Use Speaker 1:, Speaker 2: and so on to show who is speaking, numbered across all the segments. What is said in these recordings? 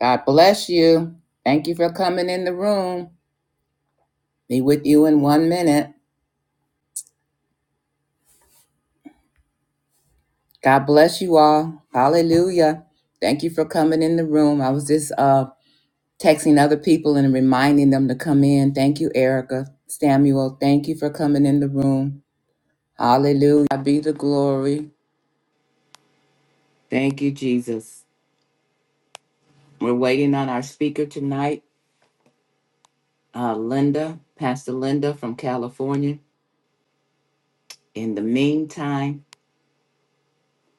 Speaker 1: God bless you. Thank you for coming in the room. Be with you in one minute. God bless you all. Hallelujah. Thank you for coming in the room. I was just uh, texting other people and reminding them to come in. Thank you, Erica. Samuel, thank you for coming in the room. Hallelujah. Be the glory. Thank you, Jesus. We're waiting on our speaker tonight, uh, Linda, Pastor Linda from California. In the meantime,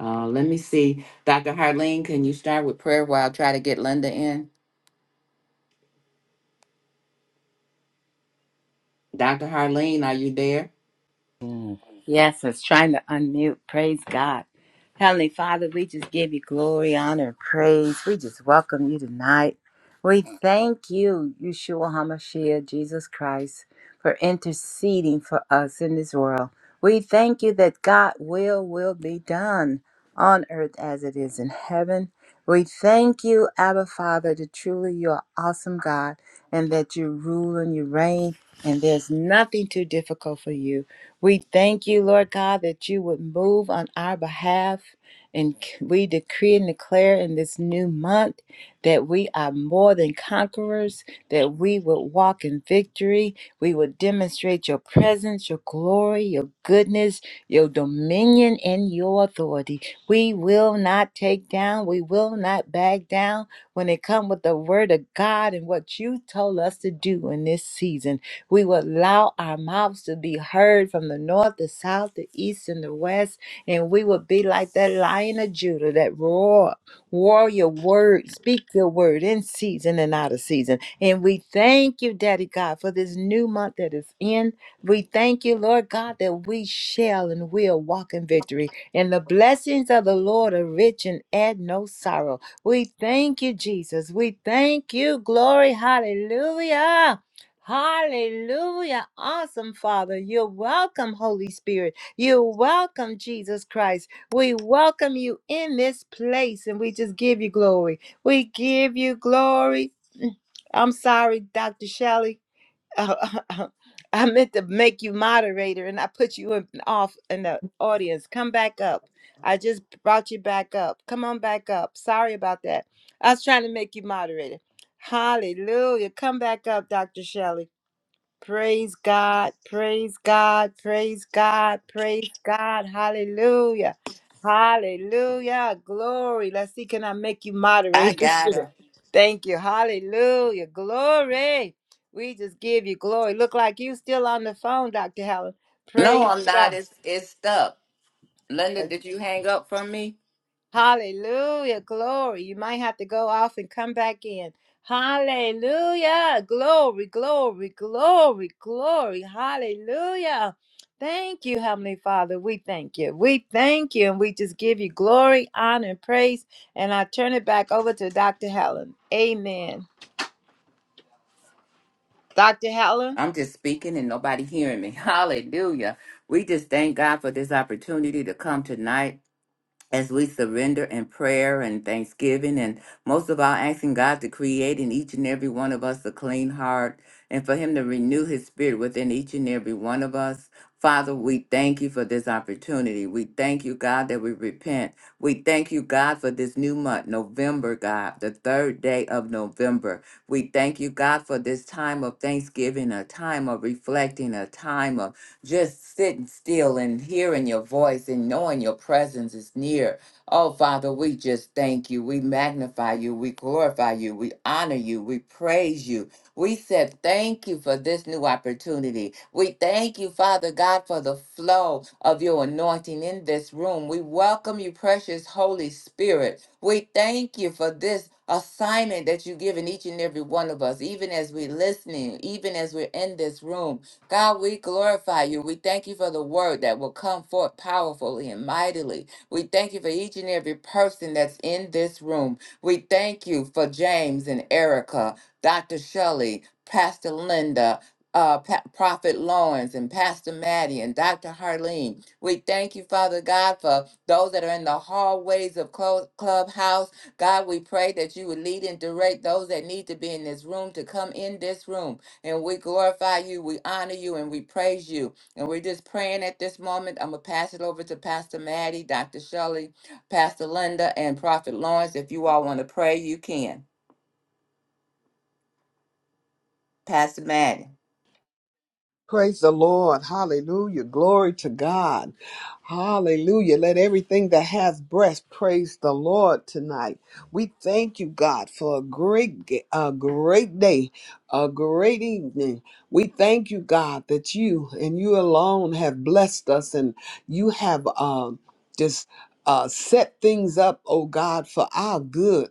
Speaker 1: Uh, let me see. Dr. Harleen, can you start with prayer while I try to get Linda in? Dr. Harleen, are you there?
Speaker 2: Mm. Yes, it's trying to unmute. Praise God. Heavenly Father, we just give you glory, honor, and praise. We just welcome you tonight. We thank you, Yeshua HaMashiach, Jesus Christ, for interceding for us in this world. We thank you that God will will be done on earth as it is in heaven. We thank you, Abba Father, that truly you are awesome God and that you rule and you reign, and there's nothing too difficult for you. We thank you, Lord God, that you would move on our behalf. And we decree and declare in this new month that we are more than conquerors, that we would walk in victory. We would demonstrate your presence, your glory, your goodness, your dominion, and your authority. We will not take down, we will not back down when it comes with the word of God and what you told us to do in this season. We will allow our mouths to be heard from the north, the south, the east, and the west. And we will be like that lion of Judah that roar, roar your word, speak your word in season and out of season. And we thank you, Daddy God, for this new month that is in. We thank you, Lord God, that we shall and will walk in victory. And the blessings of the Lord are rich and add no sorrow. We thank you, Jesus. We thank you. Glory. Hallelujah. Hallelujah. Awesome, Father. You're welcome, Holy Spirit. You're welcome, Jesus Christ. We welcome you in this place and we just give you glory. We give you glory. Mm, I'm sorry, Dr. Shelley. I meant to make you moderator and I put you in, off in the audience. Come back up. I just brought you back up. Come on back up. Sorry about that. I was trying to make you moderator. Hallelujah. Come back up, Dr. Shelley. Praise God, praise God, praise God, praise God. Hallelujah. Hallelujah. Glory. Let's see, can I make you
Speaker 1: I
Speaker 2: moderator?
Speaker 1: got her.
Speaker 2: Thank you. Hallelujah. Glory. We just give you glory. Look like you still on the phone, Dr. Helen.
Speaker 1: No,
Speaker 2: Praise
Speaker 1: I'm not.
Speaker 2: God.
Speaker 1: It's it's stuck. Linda, did you hang up from me?
Speaker 2: Hallelujah. Glory. You might have to go off and come back in. Hallelujah. Glory, glory, glory, glory. Hallelujah. Thank you, Heavenly Father. We thank you. We thank you. And we just give you glory, honor, and praise. And I turn it back over to Dr. Helen. Amen. Dr. Helen.
Speaker 1: I'm just speaking and nobody hearing me. Hallelujah. We just thank God for this opportunity to come tonight as we surrender in prayer and thanksgiving, and most of all, asking God to create in each and every one of us a clean heart and for Him to renew His spirit within each and every one of us. Father, we thank you for this opportunity. We thank you, God, that we repent. We thank you, God, for this new month, November, God, the third day of November. We thank you, God, for this time of thanksgiving, a time of reflecting, a time of just sitting still and hearing your voice and knowing your presence is near. Oh, Father, we just thank you. We magnify you. We glorify you. We honor you. We praise you. We said thank you for this new opportunity. We thank you, Father God, for the flow of your anointing in this room. We welcome you, precious Holy Spirit. We thank you for this assignment that you've given each and every one of us, even as we're listening, even as we're in this room. God, we glorify you. We thank you for the word that will come forth powerfully and mightily. We thank you for each and every person that's in this room. We thank you for James and Erica, Dr. Shelley, Pastor Linda, uh, Pa- Prophet Lawrence, and Pastor Maddie, and Dr. Harleen. We thank you, Father God, for those that are in the hallways of Clo- Clubhouse. God, we pray that you would lead and direct those that need to be in this room to come in this room. And we glorify you, we honor you, and we praise you. And we're just praying at this moment. I'm going to pass it over to Pastor Maddie, Dr. Shelley, Pastor Linda, and Prophet Lawrence. If you all want to pray, you can. Pastor Maddie.
Speaker 3: Praise the Lord. Hallelujah. Glory to God. Hallelujah. Let everything that has breath praise the Lord tonight. We thank you, God, for a great, g- a great day, a great evening. We thank you, God, that you and you alone have blessed us and you have um, just uh, set things up, oh God, for our good.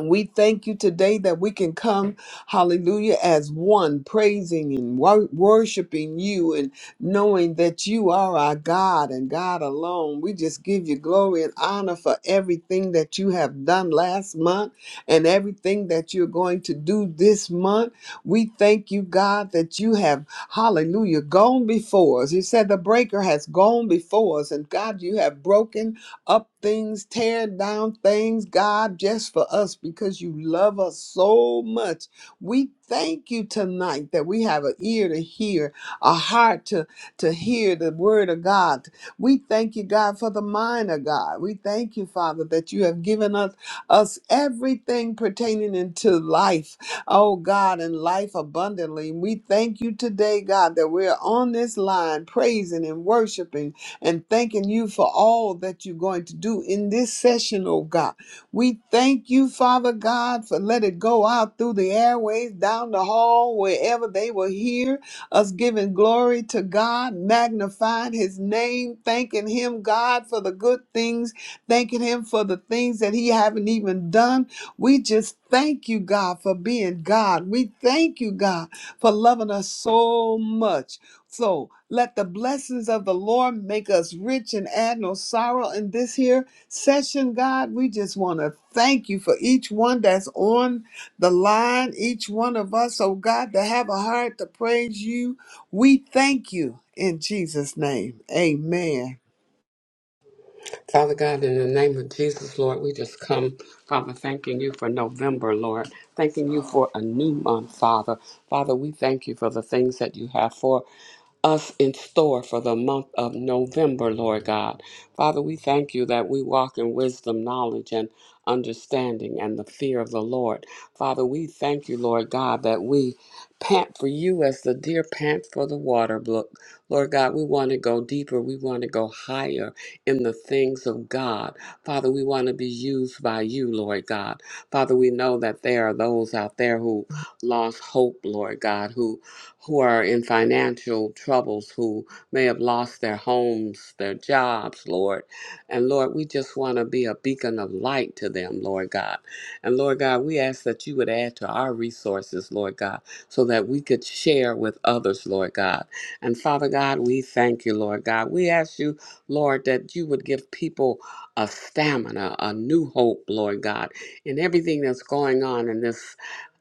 Speaker 3: We thank you today that we can come, hallelujah, as one, praising and wor- worshiping you and knowing that you are our God and God alone. We just give you glory and honor for everything that you have done last month and everything that you're going to do this month. We thank you, God, that you have, hallelujah, gone before us. You said the breaker has gone before us, and God, you have broken up things, tear down things, God, just for us because you love us so much. We thank you tonight that we have an ear to hear, a heart to, to hear the word of God. We thank you, God, for the mind of God. We thank you, Father, that you have given us, us everything pertaining into life. Oh, God, and life abundantly. We thank you today, God, that we're on this line praising and worshiping and thanking you for all that you're going to do in this session, oh God. We thank you, Father God, for let it go out through the airways, down the hall, wherever they will hear us giving glory to God, magnifying his name, thanking him, God, for the good things, thanking him for the things that he haven't even done. We just thank you, God, for being God. We thank you, God, for loving us so much. So let the blessings of the Lord make us rich and add no sorrow in this here session, God. We just want to thank you for each one that's on the line, each one of us, oh God, to have a heart to praise you. We thank you in Jesus' name. Amen.
Speaker 4: Father God, in the name of Jesus, Lord, we just come, Father, thanking you for November, Lord. Thanking you for a new month, Father. Father, we thank you for the things that you have for us in store for the month of November, Lord God. Father, we thank you that we walk in wisdom, knowledge, and understanding and the fear of the Lord. Father, we thank you, Lord God, that we pant for you as the deer pants for the water. Look, Lord God, we want to go deeper. We want to go higher in the things of God. Father, we want to be used by you, Lord God. Father, we know that there are those out there who lost hope, Lord God, who who are in financial troubles, who may have lost their homes, their jobs, Lord. And Lord, we just want to be a beacon of light to them, Lord God. And Lord God, we ask that you would add to our resources, Lord God, so that we could share with others, Lord God. And Father God, we thank you, Lord God. We ask you, Lord, that you would give people a stamina, a new hope, Lord God, in everything that's going on in this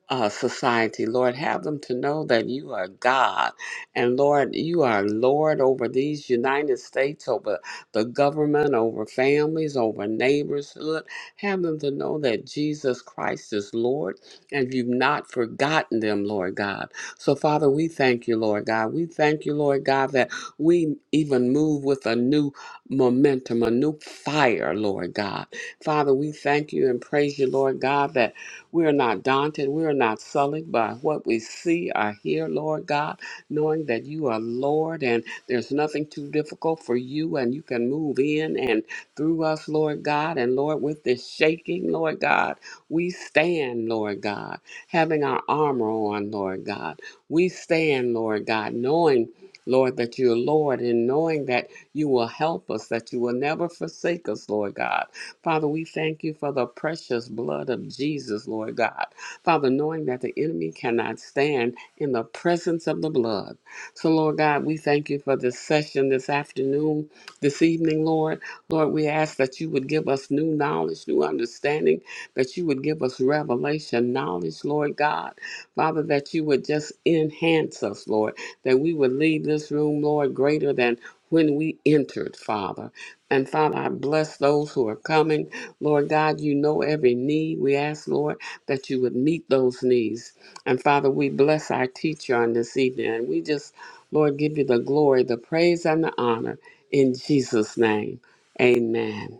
Speaker 4: uh, society. Lord, have them to know that you are God. And Lord, you are Lord over these United States, over the government, over families, over neighbors. Lord, have them to know that Jesus Christ is Lord and you've not forgotten them, Lord God. So, Father, we thank you, Lord God. We thank you, Lord God, that we even move with a new momentum, a new fire, Lord God. Father, we thank you and praise you, Lord God, that. We are not daunted. We are not sullied by what we see or hear, Lord God, knowing that you are Lord and there's nothing too difficult for you and you can move in and through us, Lord God. And Lord, with this shaking, Lord God, we stand, Lord God, having our armor on, Lord God. We stand, Lord God, knowing. Lord, that you're Lord, and knowing that you will help us, that you will never forsake us, Lord God. Father, we thank you for the precious blood of Jesus, Lord God. Father, knowing that the enemy cannot stand in the presence of the blood. So, Lord God, we thank you for this session this afternoon, this evening, Lord. Lord, we ask that you would give us new knowledge, new understanding, that you would give us revelation knowledge, Lord God. Father, that you would just enhance us, Lord, that we would leave this room, Lord, greater than when we entered, Father. And Father, I bless those who are coming. Lord God, you know every need. We ask, Lord, that you would meet those needs. And Father, we bless our teacher on this evening. And we just, Lord, give you the glory, the praise, and the honor in Jesus' name. Amen.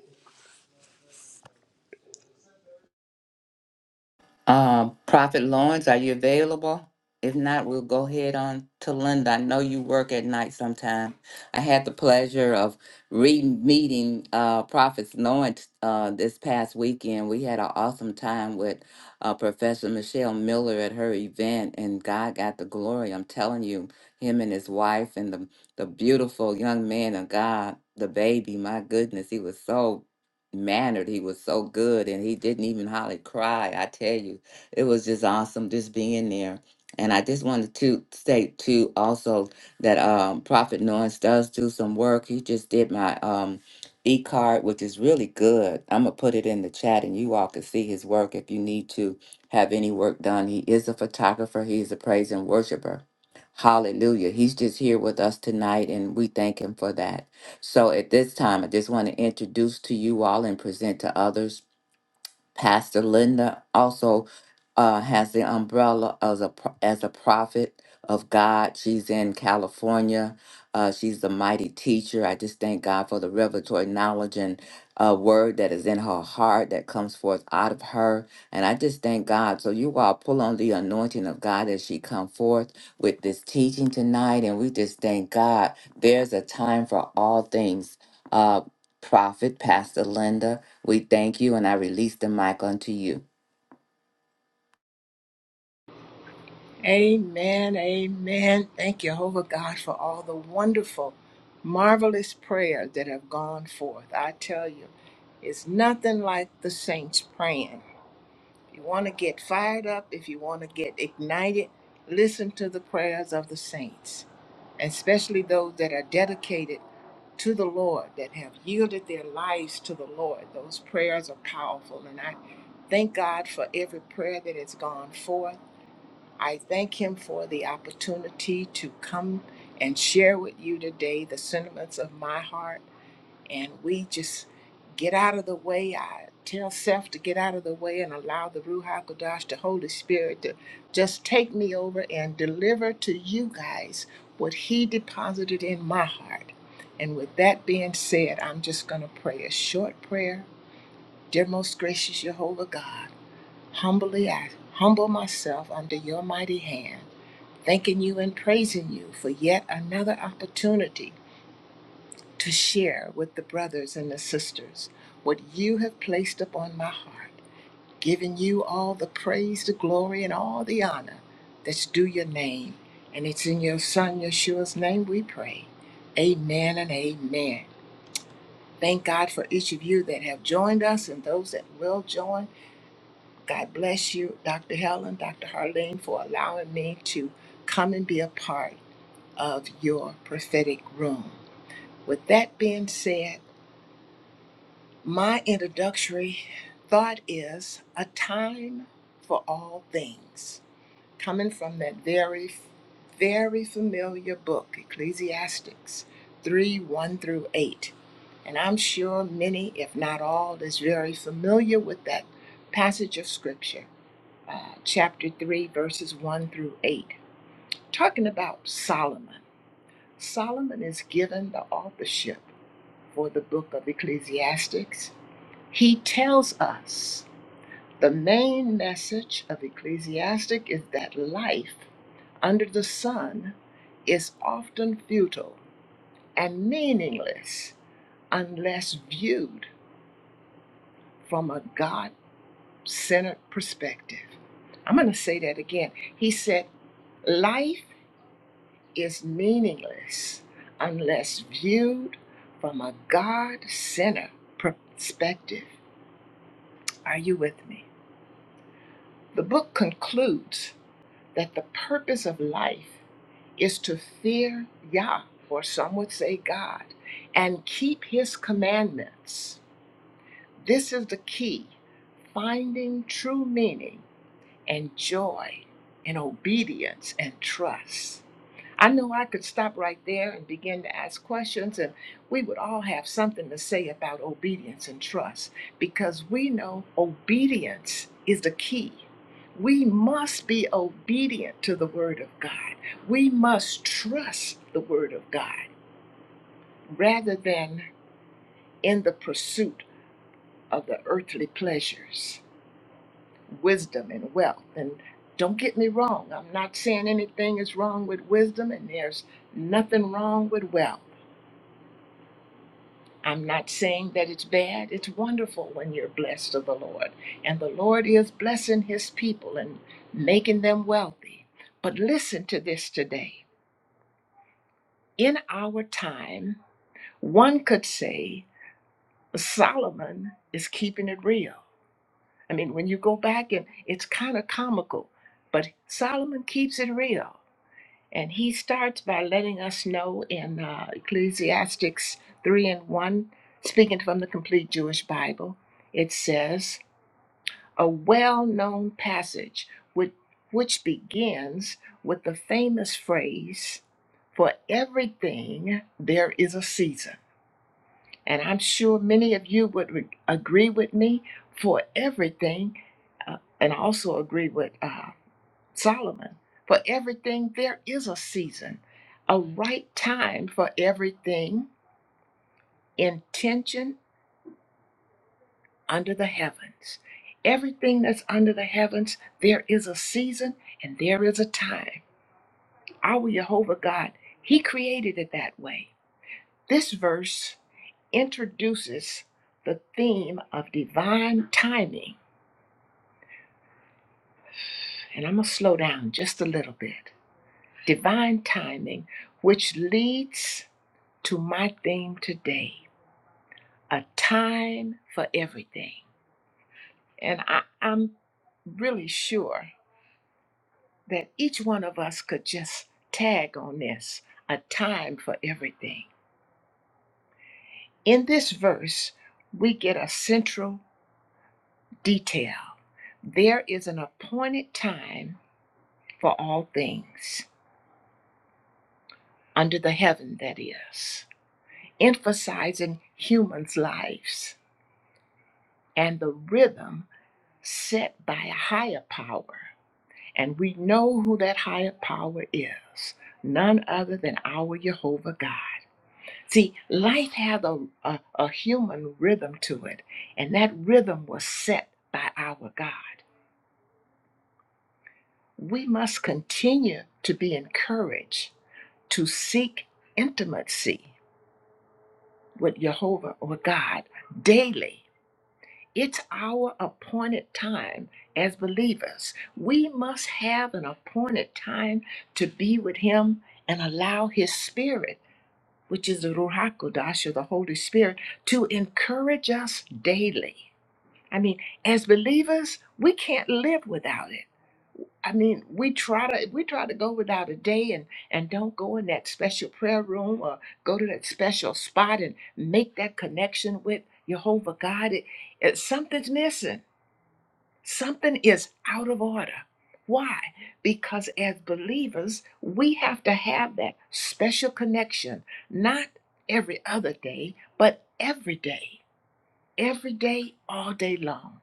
Speaker 1: Uh, Prophet Lawrence, are you available? If not, we'll go ahead on to Linda. I know you work at night sometime. I had the pleasure of re-meeting uh, Prophet Lawrence uh, this past weekend. We had an awesome time with uh, Professor Michelle Miller at her event, and God got the glory. I'm telling you, him and his wife and the, the beautiful young man of God, the baby, my goodness, he was so mannered. He was so good and he didn't even hardly cry. I tell you, it was just awesome just being there. And I just wanted to state too also that um Prophet Noyes does do some work. He just did my um e card, which is really good. I'm gonna put it in the chat and you all can see his work if you need to have any work done. He is a photographer, He is a praise and worshiper. Hallelujah. He's just here with us tonight and we thank him for that. So at this time, I just want to introduce to you all and present to others Pastor Linda also uh, has the umbrella as a pro- as a prophet of God. She's in California. Uh, she's a mighty teacher. I just thank God for the revelatory knowledge and uh, word that is in her heart that comes forth out of her. And I just thank God. So you all pull on the anointing of God as she come forth with this teaching tonight. And we just thank God. There's a time for all things. Uh, Prophet, Pastor Linda, we thank you and I release the mic unto you.
Speaker 5: Amen. Amen. Thank Jehovah God for all the wonderful, marvelous prayers that have gone forth. I tell you, it's nothing like the saints praying. If you want to get fired up, if you want to get ignited, listen to the prayers of the saints, and especially those that are dedicated to the Lord, that have yielded their lives to the Lord. Those prayers are powerful. And I thank God for every prayer that has gone forth. I thank him for the opportunity to come and share with you today the sentiments of my heart. And we just get out of the way. I tell self to get out of the way and allow the Ruach HaKodesh, the Holy Spirit, to just take me over and deliver to you guys what he deposited in my heart. And with that being said, I'm just going to pray a short prayer. Dear most gracious Jehovah God, humbly I humble myself under your mighty hand thanking you and praising you for yet another opportunity to share with the brothers and the sisters what you have placed upon my heart, giving you all the praise, the glory, and all the honor that's due your name. And it's in your Son, Yeshua's name, we pray. Amen and amen. Thank God for each of you that have joined us and those that will join. God bless you, Dr. Helen, Dr. Harlene, for allowing me to come and be a part. of your prophetic room. With that being said, my introductory thought is a time for all things, coming from that very, very familiar book, Ecclesiastes 3 1 through 8. And I'm sure many, if not all, is very familiar with that passage of Scripture, uh, chapter 3, verses 1 through 8, talking about Solomon. Solomon is given the authorship for the book of Ecclesiastes. He tells us the main message of Ecclesiastic is that life under the sun is often futile and meaningless unless viewed from a God centered perspective. I'm going to say that again. He said, Life is meaningless unless viewed from a God centered perspective. Are you with me? The book concludes that the purpose of life is to fear Yah, or some would say God, and keep his commandments. This is the key finding true meaning and joy and obedience and trust. I know I could stop right there and begin to ask questions, and we would all have something to say about obedience and trust because we know obedience is the key. We must be obedient to the Word of God. We must trust the Word of God rather than in the pursuit of the earthly pleasures wisdom and wealth. And don't get me wrong, I'm not saying anything is wrong with wisdom, and there's nothing wrong with wealth. I'm not saying that it's bad. It's wonderful when you're blessed of the Lord. And the Lord is blessing his people and making them wealthy. But listen to this today. In our time, one could say Solomon is keeping it real. I mean, when you go back and it's kind of comical, but Solomon keeps it real. And he starts by letting us know in uh, Ecclesiastics 3 and 1, speaking from the complete Jewish Bible, it says, a well known passage which, which begins with the famous phrase, For everything there is a season. And I'm sure many of you would re- agree with me, for everything, uh, and also agree with uh, Solomon. For everything, there is a season, a right time for everything, intention under the heavens. Everything that's under the heavens, there is a season and there is a time. Our Jehovah God, He created it that way. This verse introduces the theme of divine timing. And I'm going to slow down just a little bit. Divine timing, which leads to my theme today a time for everything. And I, I'm really sure that each one of us could just tag on this a time for everything. In this verse, we get a central detail. There is an appointed time for all things, under the heaven, that is, emphasizing humans' lives and the rhythm set by a higher power And we know who that higher power is none other than our Jehovah God. See, life has a, a, a human rhythm to it, and that rhythm was set by our God. We must continue to be encouraged to seek intimacy with Jehovah or God daily It's our appointed time as believers. We must have an appointed time to be with Him and allow His Spirit, which is the Ruach HaKodesh, or the Holy Spirit, to encourage us daily. I mean, as believers, we can't live without it. I mean, we try to we try to go without a day and and don't go in that special prayer room or go to that special spot and make that connection with Jehovah God. It, it something's missing. Something is out of order. Why? Because as believers, we have to have that special connection, not every other day, but every day, every day, all day long.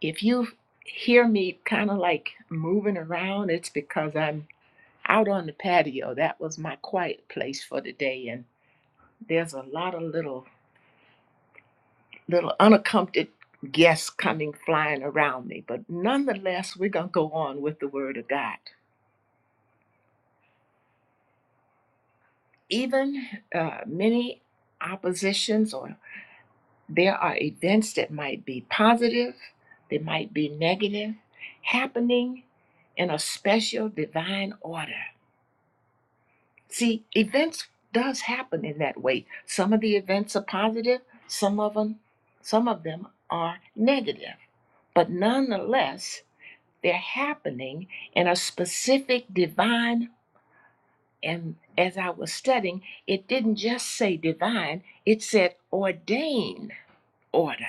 Speaker 5: If you hear me kind of like moving around, it's because I'm out on the patio. That was my quiet place for the day. And there's a lot of little little unaccompanied guests coming flying around me. But nonetheless, we're going to go on with the Word of God. Even uh, many oppositions, or there are events that might be positive, they might be negative, happening in a special divine order. See, events does happen in that way. Some of the events are positive, some of them, some of them are negative. But nonetheless, They're happening in a specific divine, and as I was studying, it didn't just say divine, it said ordained order.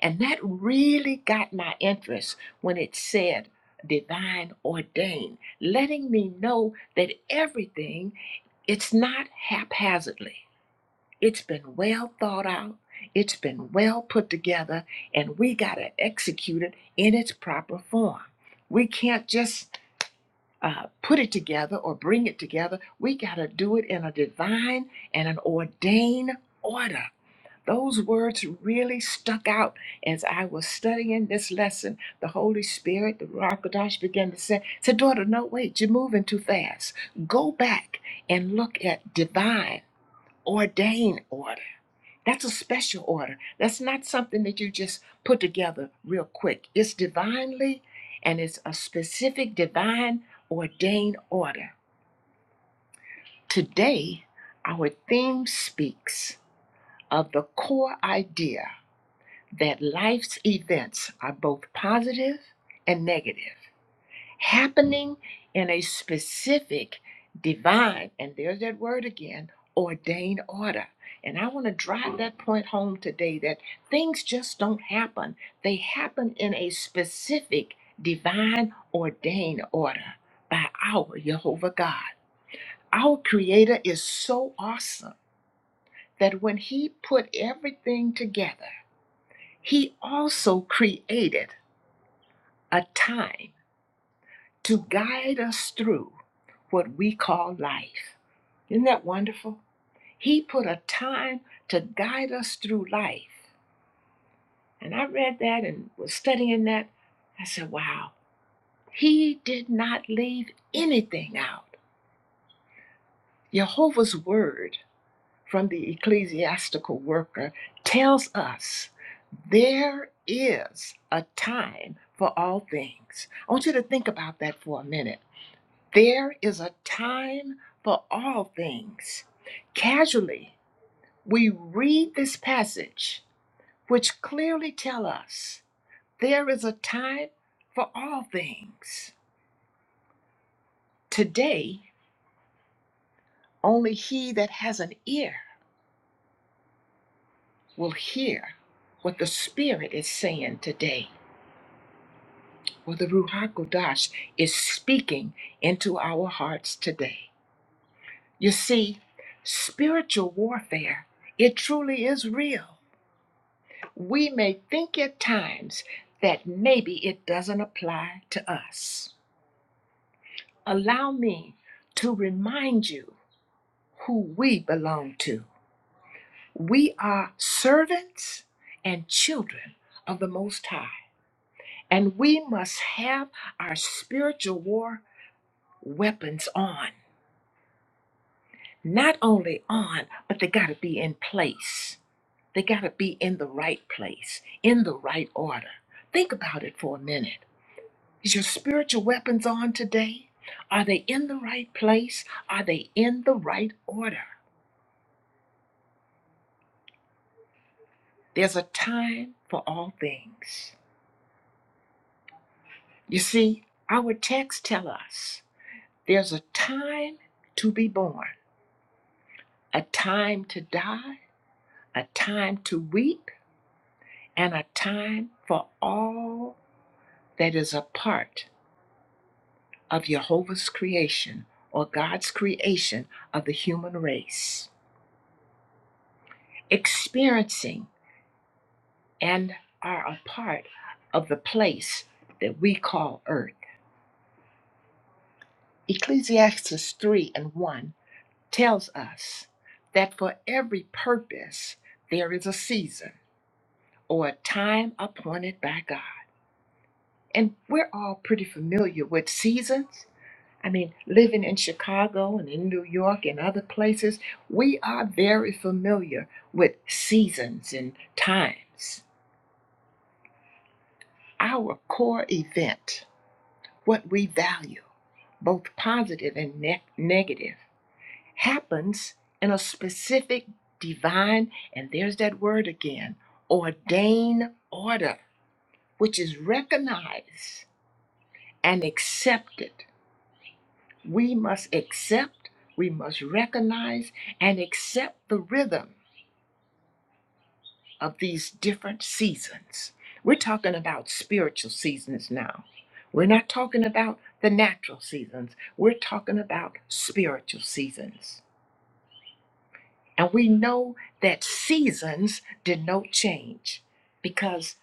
Speaker 5: And that really got my interest when it said divine ordained, letting me know that everything, it's not haphazardly. It's been well thought out, it's been well put together, and we got to execute it in its proper form. We can't just uh, put it together or bring it together. We got to do it in a divine and an ordained order. Those words really stuck out as I was studying this lesson. The Holy Spirit, the Ruach Kodesh began to say, said, daughter, no, wait, you're moving too fast. Go back and look at divine, ordained order. That's a special order. That's not something that you just put together real quick. It's divinely and it's a specific divine ordained order. Today, our theme speaks of the core idea that life's events are both positive and negative happening in a specific divine, and there's that word again, ordained order. And I want to drive that point home today that things just don't happen, they happen in a specific divine ordained order by our Jehovah God. Our Creator is so awesome that when He put everything together, He also created a time to guide us through what we call life. Isn't that wonderful? He put a time to guide us through life. And I read that and was studying that. I said, wow, he did not leave anything out. Jehovah's word from the ecclesiastical worker tells us there is a time for all things. I want you to think about that for a minute There is a time for all things. Casually, we read this passage, which clearly tell us there is a time for all things. Today, only he that has an ear will hear what the Spirit is saying today, what the Ruach Kodesh is speaking into our hearts today. You see, spiritual warfare, it truly is real. We may think at times that maybe it doesn't apply to us. Allow me to remind you who we belong to. We are servants and children of the Most High, and we must have our spiritual war weapons on. Not only on, but they got to be in place. They got to be in the right place, in the right order. Think about it for a minute. Is your spiritual weapons on today? Are they in the right place? Are they in the right order? There's a time for all things. You see, our texts tell us there's a time to be born, a time to die, a time to weep, and a time for all that is a part of Jehovah's creation or God's creation of the human race. Experiencing and are a part of the place that we call earth. Ecclesiastes 3 and 1 tells us that for every purpose there is a season or a time appointed by God. And we're all pretty familiar with seasons. I mean, living in Chicago and in New York and other places, we are very familiar with seasons and times. Our core event what we value, both positive and ne- negative, happens in a specific divine, and there's that word again, ordained order, which is recognized and accepted. We must accept, we must recognize and accept the rhythm of these different seasons. We're talking about spiritual seasons now. We're not talking about the natural seasons. We're talking about spiritual seasons. And we know that seasons denote change because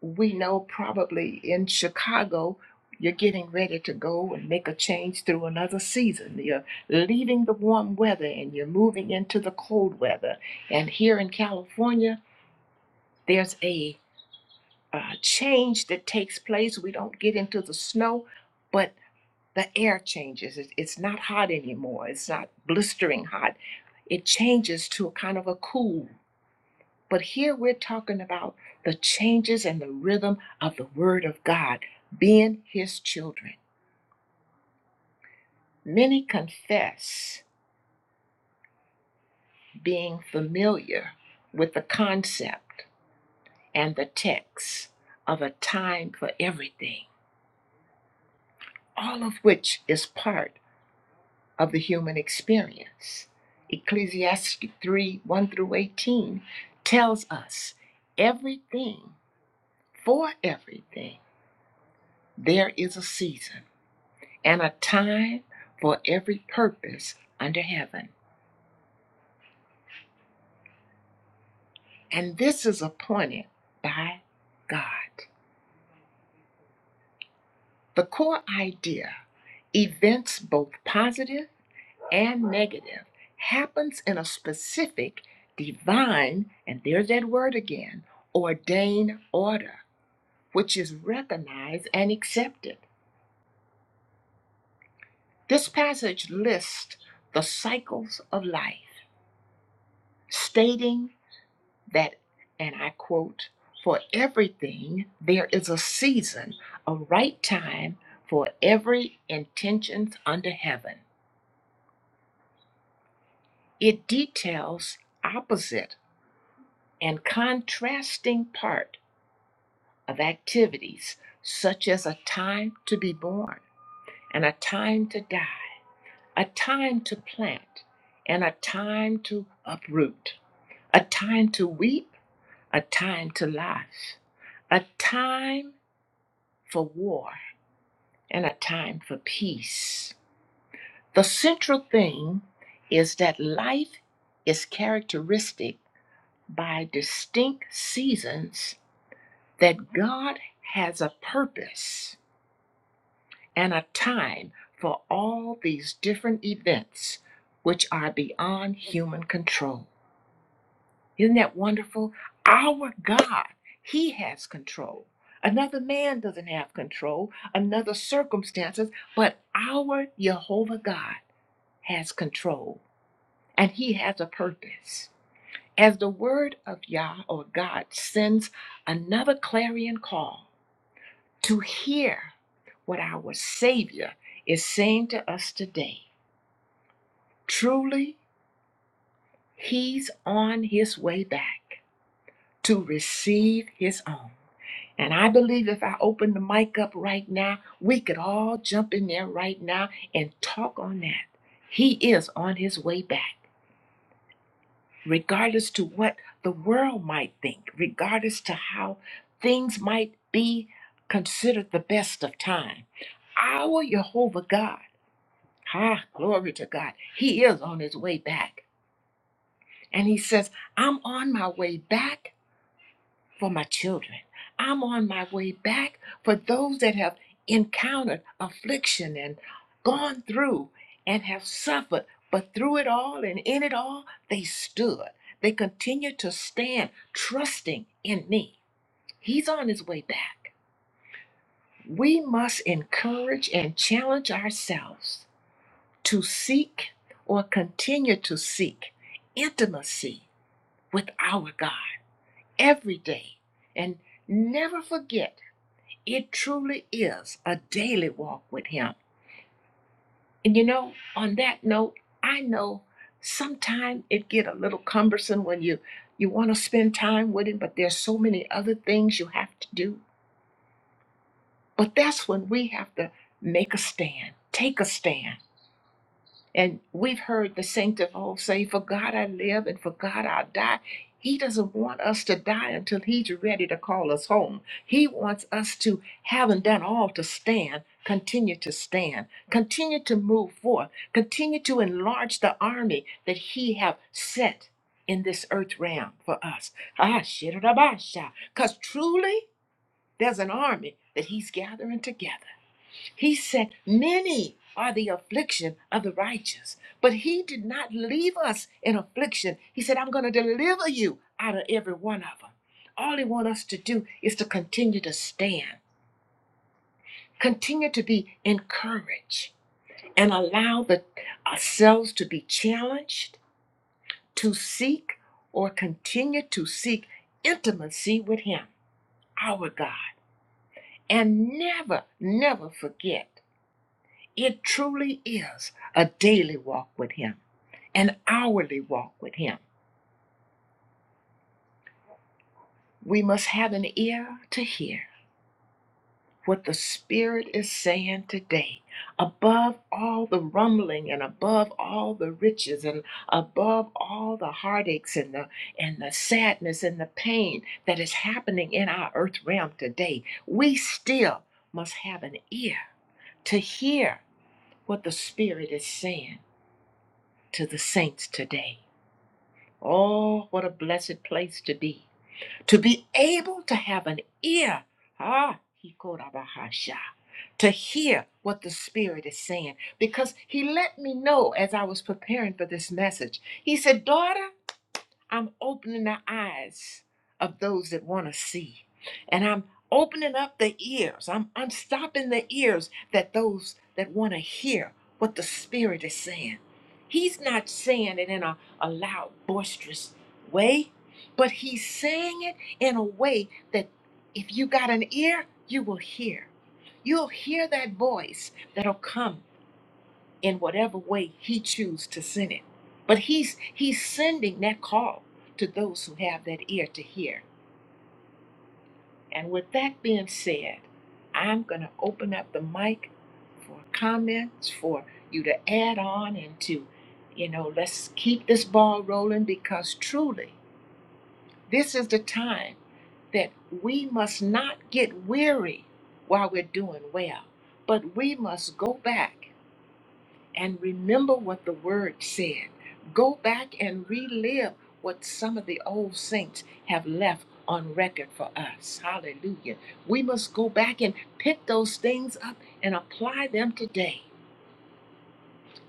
Speaker 5: we know probably in Chicago, you're getting ready to go and make a change through another season. You're leaving the warm weather and you're moving into the cold weather. And here in California, there's a uh, change that takes place. We don't get into the snow, but the air changes. It- It's not hot anymore. It's not blistering hot. It changes to a kind of a cool. But here we're talking about the changes and the rhythm of the Word of God, being His children. Many confess being familiar with the concept and the text of a time for everything, all of which is part of the human experience. Ecclesiastes 3 1 through 18 tells us everything, for everything, there is a season and a time for every purpose under heaven. And this is appointed by God. The core idea events both positive and negative happens in a specific divine, and there's that word again, ordained order, which is recognized and accepted. This passage lists the cycles of life, stating that, and I quote, for everything there is a season, a right time for every intention under heaven. It details opposite and contrasting part. of activities such as a time to be born and a time to die, a time to plant and a time to uproot, a time to weep, a time to laugh, a time for war and a time for peace. The central thing is that life is characteristic by distinct seasons that God has a purpose and a time for all these different events which are beyond human control. Isn't that wonderful? Our God, He has control. Another man doesn't have control, another circumstances, but our Jehovah God has control and He has a purpose. As the word of Yah or God sends another clarion call, to hear what our Savior is saying to us today. Truly, He's on His way back to receive His own. And I believe if I open the mic up right now, we could all jump in there right now and talk on that. He is on his way back, regardless to what the world might think, regardless to how things might be considered the best of time. Our Jehovah God. Ah, glory to God. He is on his way back. And he says, I'm on my way back for my children. I'm on my way back for those that have encountered affliction and gone through and have suffered. But through it all and in it all, they stood. They continue to stand, trusting in me. He's on his way back. We must encourage and challenge ourselves to seek or continue to seek intimacy with our God every day. And never forget, it truly is a daily walk with Him. And you know, on that note, I know sometimes it get a little cumbersome when you you want to spend time with him but there's so many other things you have to do but that's when we have to make a stand take a stand And we've heard the saints of old say, For God I live and for God I die. He doesn't want us to die until He's ready to call us home. He wants us to, having done all to stand, continue to stand, continue to move forth, continue to enlarge the army that He have set in this earth realm for us. Ah, shirabasha. Because truly, there's an army that He's gathering together. He said, Many are the affliction of the righteous, but he did not leave us in affliction. He said, I'm going to deliver you out of every one of them. All he wants us to do is to continue to stand, continue to be encouraged, and allow the, ourselves to be challenged, to seek or continue to seek intimacy with him, our God, and never, never forget. It truly is a daily walk with Him, an hourly walk with Him. We must have an ear to hear what the Spirit is saying today. Above all the rumbling and above all the riches and above all the heartaches and the and the sadness and the pain that is happening in our earth realm today, we still must have an ear to hear what the Spirit is saying to the saints today. Oh, what a blessed place to be. To be able to have an ear, ah, Hikorabahasha, to hear what the Spirit is saying. Because He let me know as I was preparing for this message. He said, Daughter, I'm opening the eyes of those that want to see. And I'm opening up the ears. I'm unstopping the ears that those that want to hear what the Spirit is saying. He's not saying it in a, a loud, boisterous way, but he's saying it in a way that if you got an ear, you will hear. You'll hear that voice that'll come in whatever way he chooses to send it. But he's he's sending that call to those who have that ear to hear. And with that being said, I'm gonna open up the mic for comments for you to add on and to, you know, let's keep this ball rolling because truly this is the time that we must not get weary while we're doing well, but we must go back and remember what the word said. Go back and relive what some of the old saints have left on record for us. Hallelujah. We must go back and pick those things up and apply them today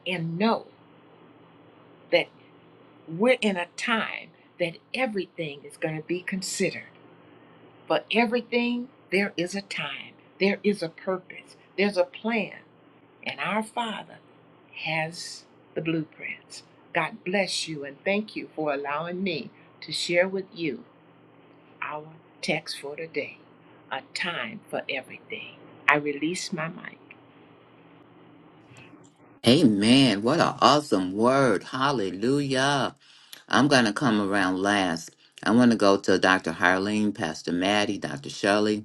Speaker 5: and know that we're in a time that everything is going to be considered. For everything, there is a time, there is a purpose, there's a plan. And our Father has the blueprints. God bless you and thank you for allowing me to share with you our text for today a time for everything. I release my mic.
Speaker 1: Amen. What an awesome word. Hallelujah. I'm going to come around last. I want to go to Dr. Harleen, Pastor Maddie, Dr. Shirley,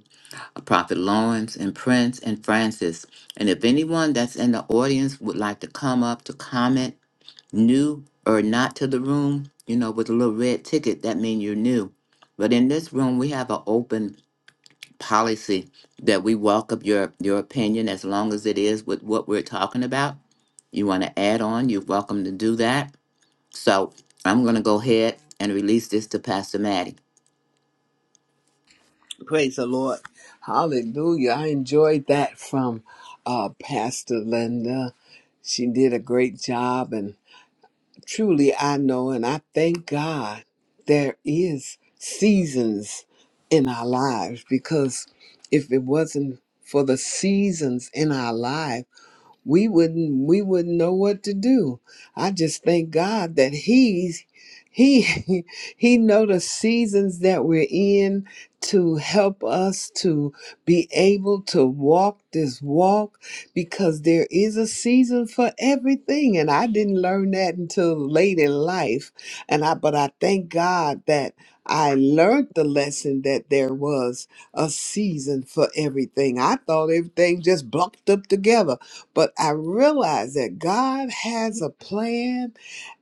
Speaker 1: Prophet Lawrence, and Prince and Francis. And if anyone that's in the audience would like to come up to comment, new or not to the room, you know, with a little red ticket, that means you're new. But in this room, we have an open policy that we welcome your your opinion as long as it is with what we're talking about. You want to add on, you're welcome to do that. So I'm going to go ahead and release this to Pastor Maddie.
Speaker 3: Praise the Lord. Hallelujah. I enjoyed that from uh, Pastor Linda. She did a great job, and truly I know and I thank God there is seasons in our lives because if it wasn't for the seasons in our life we wouldn't we wouldn't know what to do i just thank god that he's he he know the seasons that we're in to help us to be able to walk this walk because there is a season for everything and i didn't learn that until late in life and i but i thank god that i learned the lesson that there was a season for everything i thought everything just blocked up together but I realize that God has a plan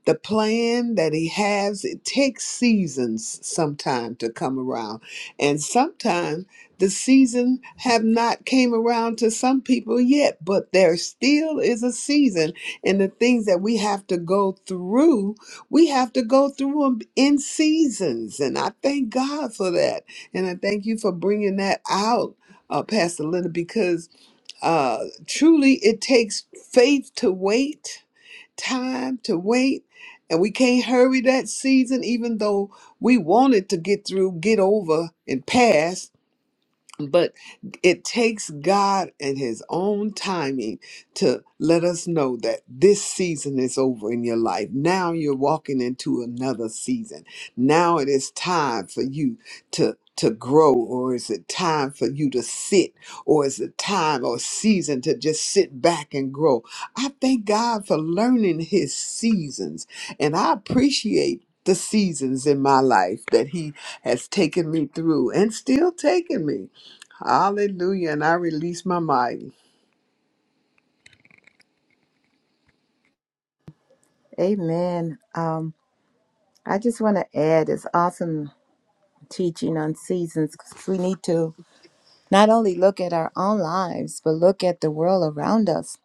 Speaker 3: the plan that he has it takes seasons sometime to come around and sometimes the season have not came around to some people yet but there still is a season and the things that we have to go through we have to go through them in seasons and i thank god for that and i thank you for bringing that out uh, pastor linda because uh, truly, it takes faith to wait, time to wait, and we can't hurry that season, even though we want it to get through, get over, and pass but it takes God and His own timing to let us know that this season is over in your life. Now you're walking into another season. Now it is time for you to. To grow, or is it time for you to sit, or is it time or season to just sit back and grow? I thank God for learning His seasons, and I appreciate the seasons in my life that He has taken me through and still taking me. Hallelujah. And I release my mic.
Speaker 2: Amen. Um, I just want to add it's awesome teaching on seasons because we need to. Not only look at our own lives, but look at the world around us.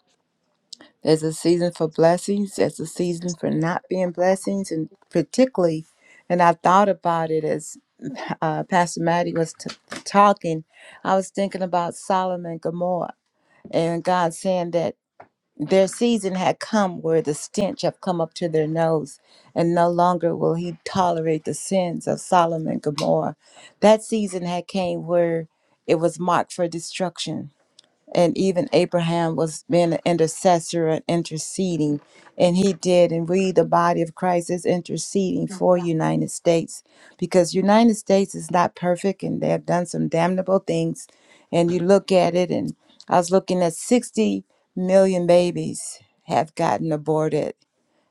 Speaker 2: There's a season for blessings, there's a season for not being blessings, and particularly, and I thought about it as uh, Pastor Maddie was t- talking, I was thinking about Solomon Gomorrah and God saying that their season had come where the stench have come up to their nose, and no longer will he tolerate the sins of Solomon Gomorrah. That season had came where it was marked for destruction and even Abraham was being an intercessor and interceding, and he did. And we, the body of Christ, is interceding for United States because United States is not perfect, and they have done some damnable things. And you look at it, and I was looking at sixty million babies have gotten aborted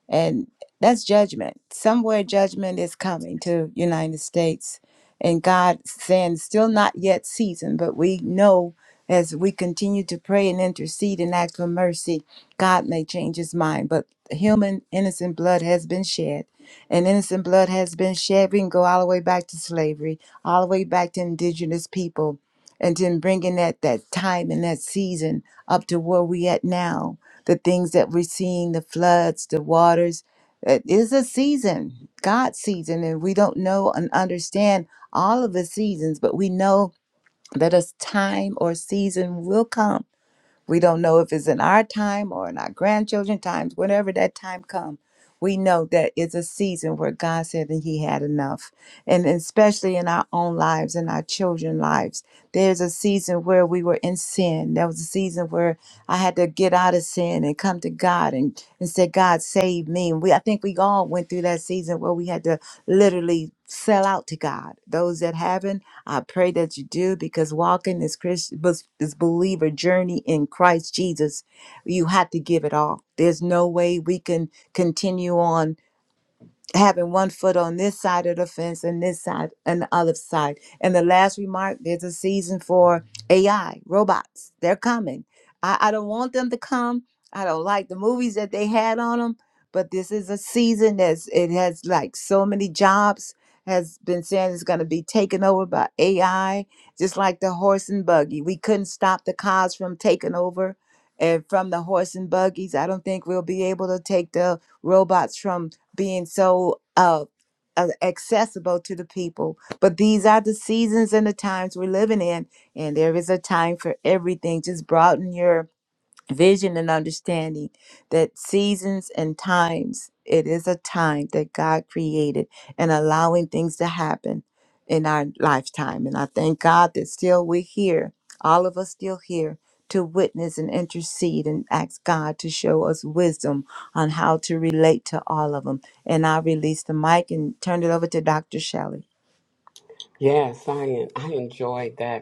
Speaker 2: and that's judgment somewhere judgment is coming to united states and god saying still not yet seasoned but we know as we continue to pray and intercede and ask for mercy god may change his mind but human innocent blood has been shed and innocent blood has been shed we can go all the way back to slavery all the way back to indigenous people and then bringing that that time and that season up to where we at now the things that we're seeing, the floods, the waters. It is a season, God's season, and we don't know and understand all of the seasons, but we know that a time or season will come. We don't know if it's in our time or in our grandchildren's times, whenever that time comes we know that it's a season where God said that He had enough. And especially in our own lives and our children's lives, there's a season where we were in sin. There was a season where I had to get out of sin and come to God and, and say, God, save me. And we, I think we all went through that season where we had to literally sell out to God. Those that haven't, I pray that you do because walking this Christian, this believer journey in Christ Jesus you have to give it all. There's no way we can continue on having one foot on this side of the fence and this side and the other side. And the last remark there's a season for AI, robots. They're coming. I, I don't want them to come. I don't like the movies that they had on them, but this is a season that's it has like so many jobs has been saying it's going to be taken over by AI, just like the horse and buggy. We couldn't stop the cars from taking over and from the horse and buggies. I don't think we'll be able to take the robots from being so uh, uh, accessible to the people. But these are the seasons and the times we're living in, and there is a time for everything. Just broaden your vision and understanding that seasons and times it is a time that god created and allowing things to happen in our lifetime and i thank god that still we're here all of us still here to witness and intercede and ask god to show us wisdom on how to relate to all of them and i release the mic and turn it over to dr shelley
Speaker 4: Yes, I, I enjoyed that.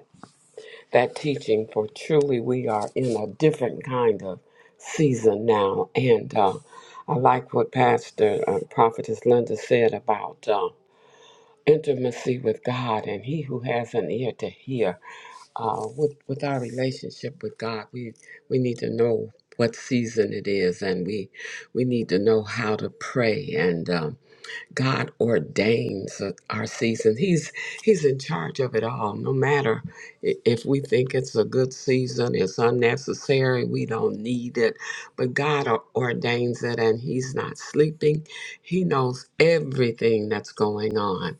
Speaker 4: that teaching, for truly we are in a different kind of season now. And uh, I like what Pastor uh, Prophetess Linda said about uh, intimacy with God, and he who has an ear to hear. Uh, with with our relationship with God, we we need to know what season it is, and we we need to know how to pray and. Um, God ordains our season. He's He's in charge of it all. No matter i- if we think it's a good season, it's unnecessary, we don't need it. But God o- ordains it, and He's not sleeping. He knows everything that's going on,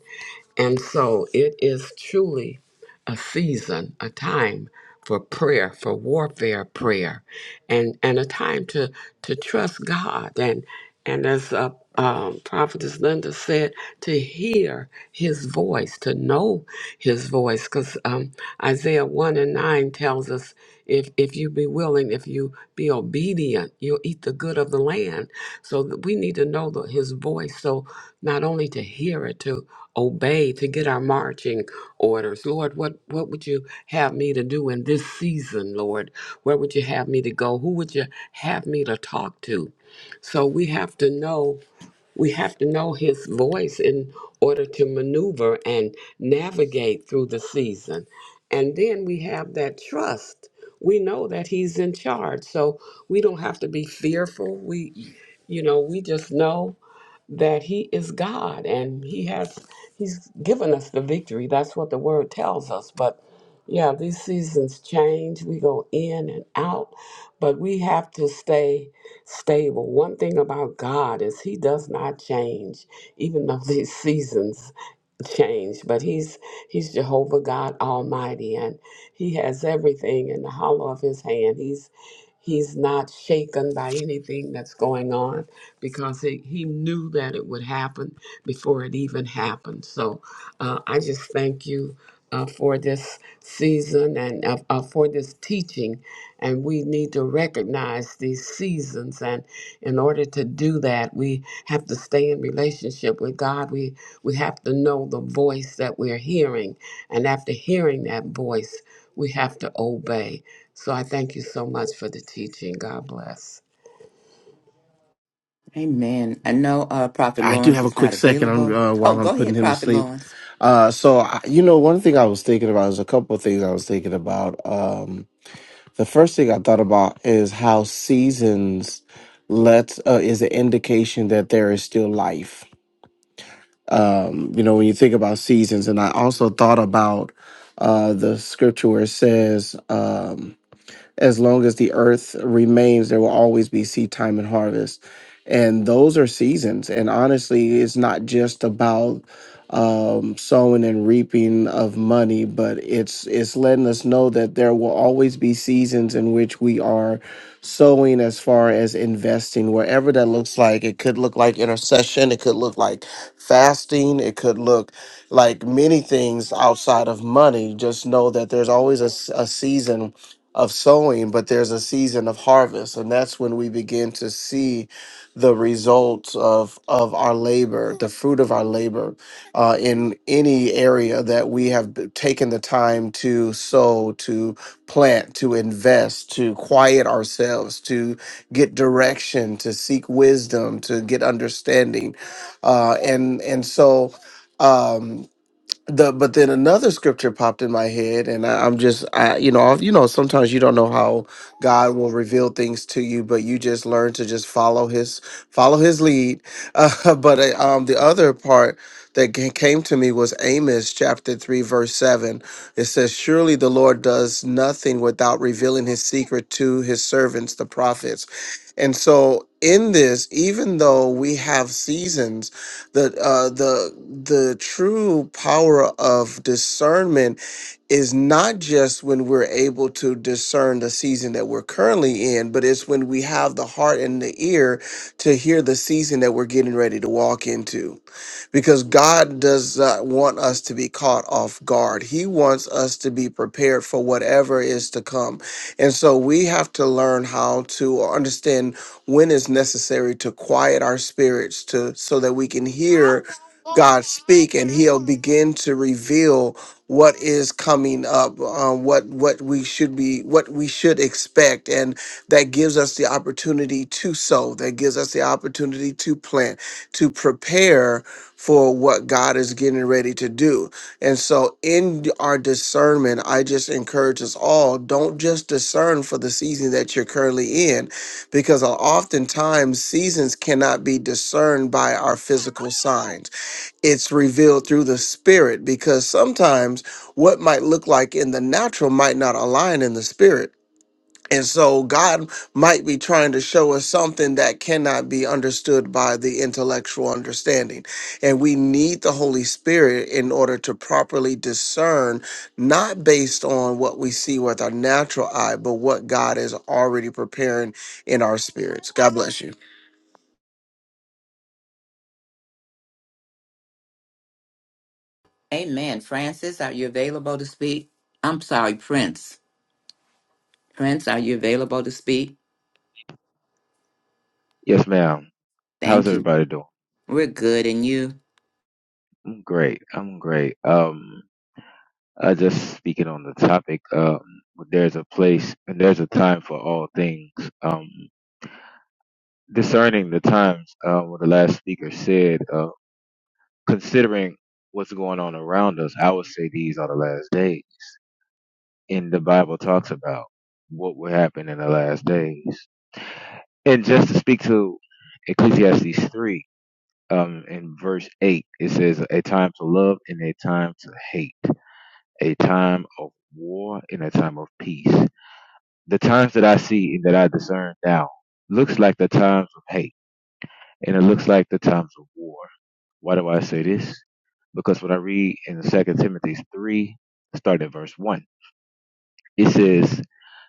Speaker 4: and so it is truly a season, a time for prayer, for warfare prayer, and and a time to to trust God and and as uh, um, Prophetess Linda said, to hear his voice, to know his voice, because um, Isaiah 1 and 9 tells us if, if you be willing, if you be obedient, you'll eat the good of the land. So that we need to know the, his voice. So not only to hear it, to obey, to get our marching orders. Lord, what, what would you have me to do in this season, Lord? Where would you have me to go? Who would you have me to talk to? So we have to know we have to know his voice in order to maneuver and navigate through the season. And then we have that trust. We know that he's in charge. So we don't have to be fearful. We you know, we just know that he is God and he has he's given us the victory. That's what the word tells us. But yeah, these seasons change. We go in and out, but we have to stay stable. One thing about God is he does not change even though these seasons change, but he's he's Jehovah God Almighty and he has everything in the hollow of his hand. He's he's not shaken by anything that's going on because he, he knew that it would happen before it even happened. So uh, I just thank you uh, for this season and uh, uh, for this teaching. And we need to recognize these seasons. And in order to do that, we have to stay in relationship with God. We, we have to know the voice that we're hearing. And after hearing that voice, we have to obey. So I thank you so much for the teaching. God bless.
Speaker 1: Amen. I know uh, Prophet
Speaker 6: I do
Speaker 1: Lawrence
Speaker 6: have a
Speaker 1: is
Speaker 6: quick
Speaker 1: not
Speaker 6: second I'm,
Speaker 1: available.
Speaker 6: uh,
Speaker 1: Oh,
Speaker 6: while
Speaker 1: go
Speaker 6: I'm putting
Speaker 1: ahead,
Speaker 6: him to
Speaker 1: Prophet
Speaker 6: sleep.
Speaker 1: Lawrence.
Speaker 6: Uh, so, I, you know, one thing I was thinking about is a couple of things I was thinking about. Um, the first thing I thought about is how seasons let uh, is an indication that there is still life. Um, you know, when you think about seasons, and I also thought about uh, the scripture where it says. Um, as long as the earth remains, there will always be seed time and harvest. And those are seasons. And honestly, it's not just about um, sowing and reaping of money, but it's it's letting us know that there will always be seasons in which we are sowing as far as investing, wherever that looks like. It could look like intercession, it could look like fasting, it could look like many things outside of money. Just know that there's always a, s- a season of sowing, but there's a season of harvest, and that's when we begin to see the results of of our labor, the fruit of our labor, uh, in any area that we have b- taken the time to sow, to plant, to invest, to quiet ourselves, to get direction, to seek wisdom, to get understanding, uh, and and so. Um, the but then another scripture popped in my head and I, i'm just i you know I've- you know sometimes you don't know how god will reveal things to you but you just learn to just follow his follow his lead uh, but uh, um the other part that ca- came to me was amos chapter 3 verse 7 it says surely the lord does nothing without revealing his secret to his servants the prophets and so in this even though we have seasons the uh, the the true power of discernment is not just when we're able to discern the season that we're currently in, but it's when we have the heart and the ear to hear the season that we're getting ready to walk into because God does not want us to be caught off guard. He wants us to be prepared for whatever is to come. And so we have to learn how to understand when it's necessary to quiet our spirits to so that we can hear God speak and he'll begin to reveal what is coming up, uh, what what we should be what we should expect and that gives us the opportunity to sow, that gives us the opportunity to plant, to prepare for what God is getting ready to do. And so, in our discernment, I just encourage us all don't just discern for the season that you're currently in, because oftentimes seasons cannot be discerned by our physical signs. It's revealed through the spirit, because sometimes what might look like in the natural might not align in the spirit. And so God might be trying to show us something that cannot be understood by the intellectual understanding. And we need the Holy Spirit in order to properly discern, not based on what we see with our natural eye, but what God is already preparing in our spirits. God bless you.
Speaker 1: Amen. Francis, are you available to speak? I'm sorry, Prince. Prince, are you available to speak?
Speaker 7: Yes, ma'am. How's
Speaker 1: Thank you.
Speaker 7: everybody doing?
Speaker 1: We're good. And you,
Speaker 7: I'm great. I'm great. Um, I just speaking on the topic. Um, there's a place and there's a time for all things. Um, discerning the times. Uh, what the last speaker said. Uh, considering what's going on around us, I would say these are the last days. And the Bible talks about what will happen in the last days. And just to speak to Ecclesiastes three. um, in verse 8, it says, A time to love and a time to hate, a time of war and a time of peace. The times that I see and that I discern now looks like the times of hate and it looks like the times of war. Why do I say this? Because when I read in Second Timothy 3, starting at verse 1, it says,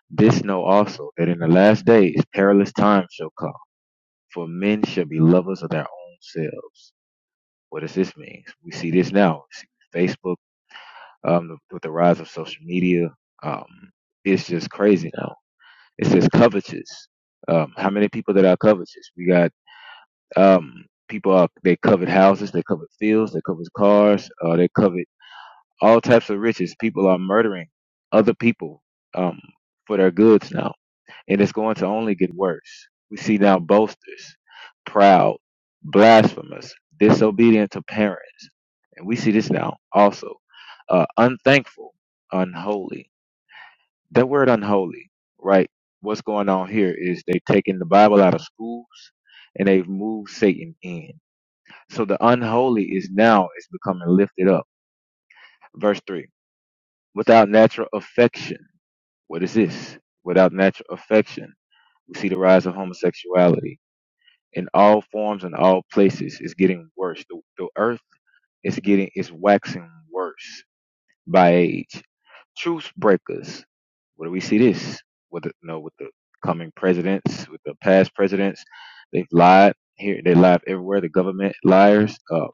Speaker 7: This know also that in the last days perilous times shall come, for men shall be lovers of their own selves What does this mean? We see this now. We see Facebook um, the, with the rise of social media. Um, it's just crazy now. It's just covetous. Um, how many people that are covetous? We got um, people are they covet houses, they covet fields, they covet cars, uh, they covet all types of riches. People are murdering other people um, for their goods now and it's going to only get worse. We see now boasters, proud, blasphemous, disobedient to parents, and we see this now also, uh, unthankful, unholy. That word unholy, right? What's going on here is they've taken the Bible out of schools and they've moved Satan in. So the unholy is now is becoming lifted up. Verse three, without natural affection. What is this? Without natural affection, we see the rise of homosexuality in all forms and all places is getting worse. The, the earth is getting is waxing worse by age. Truth breakers. Where do we see this? With the, no, with the coming presidents, with the past presidents, they've lied here. They lie everywhere. The government liars. Uh,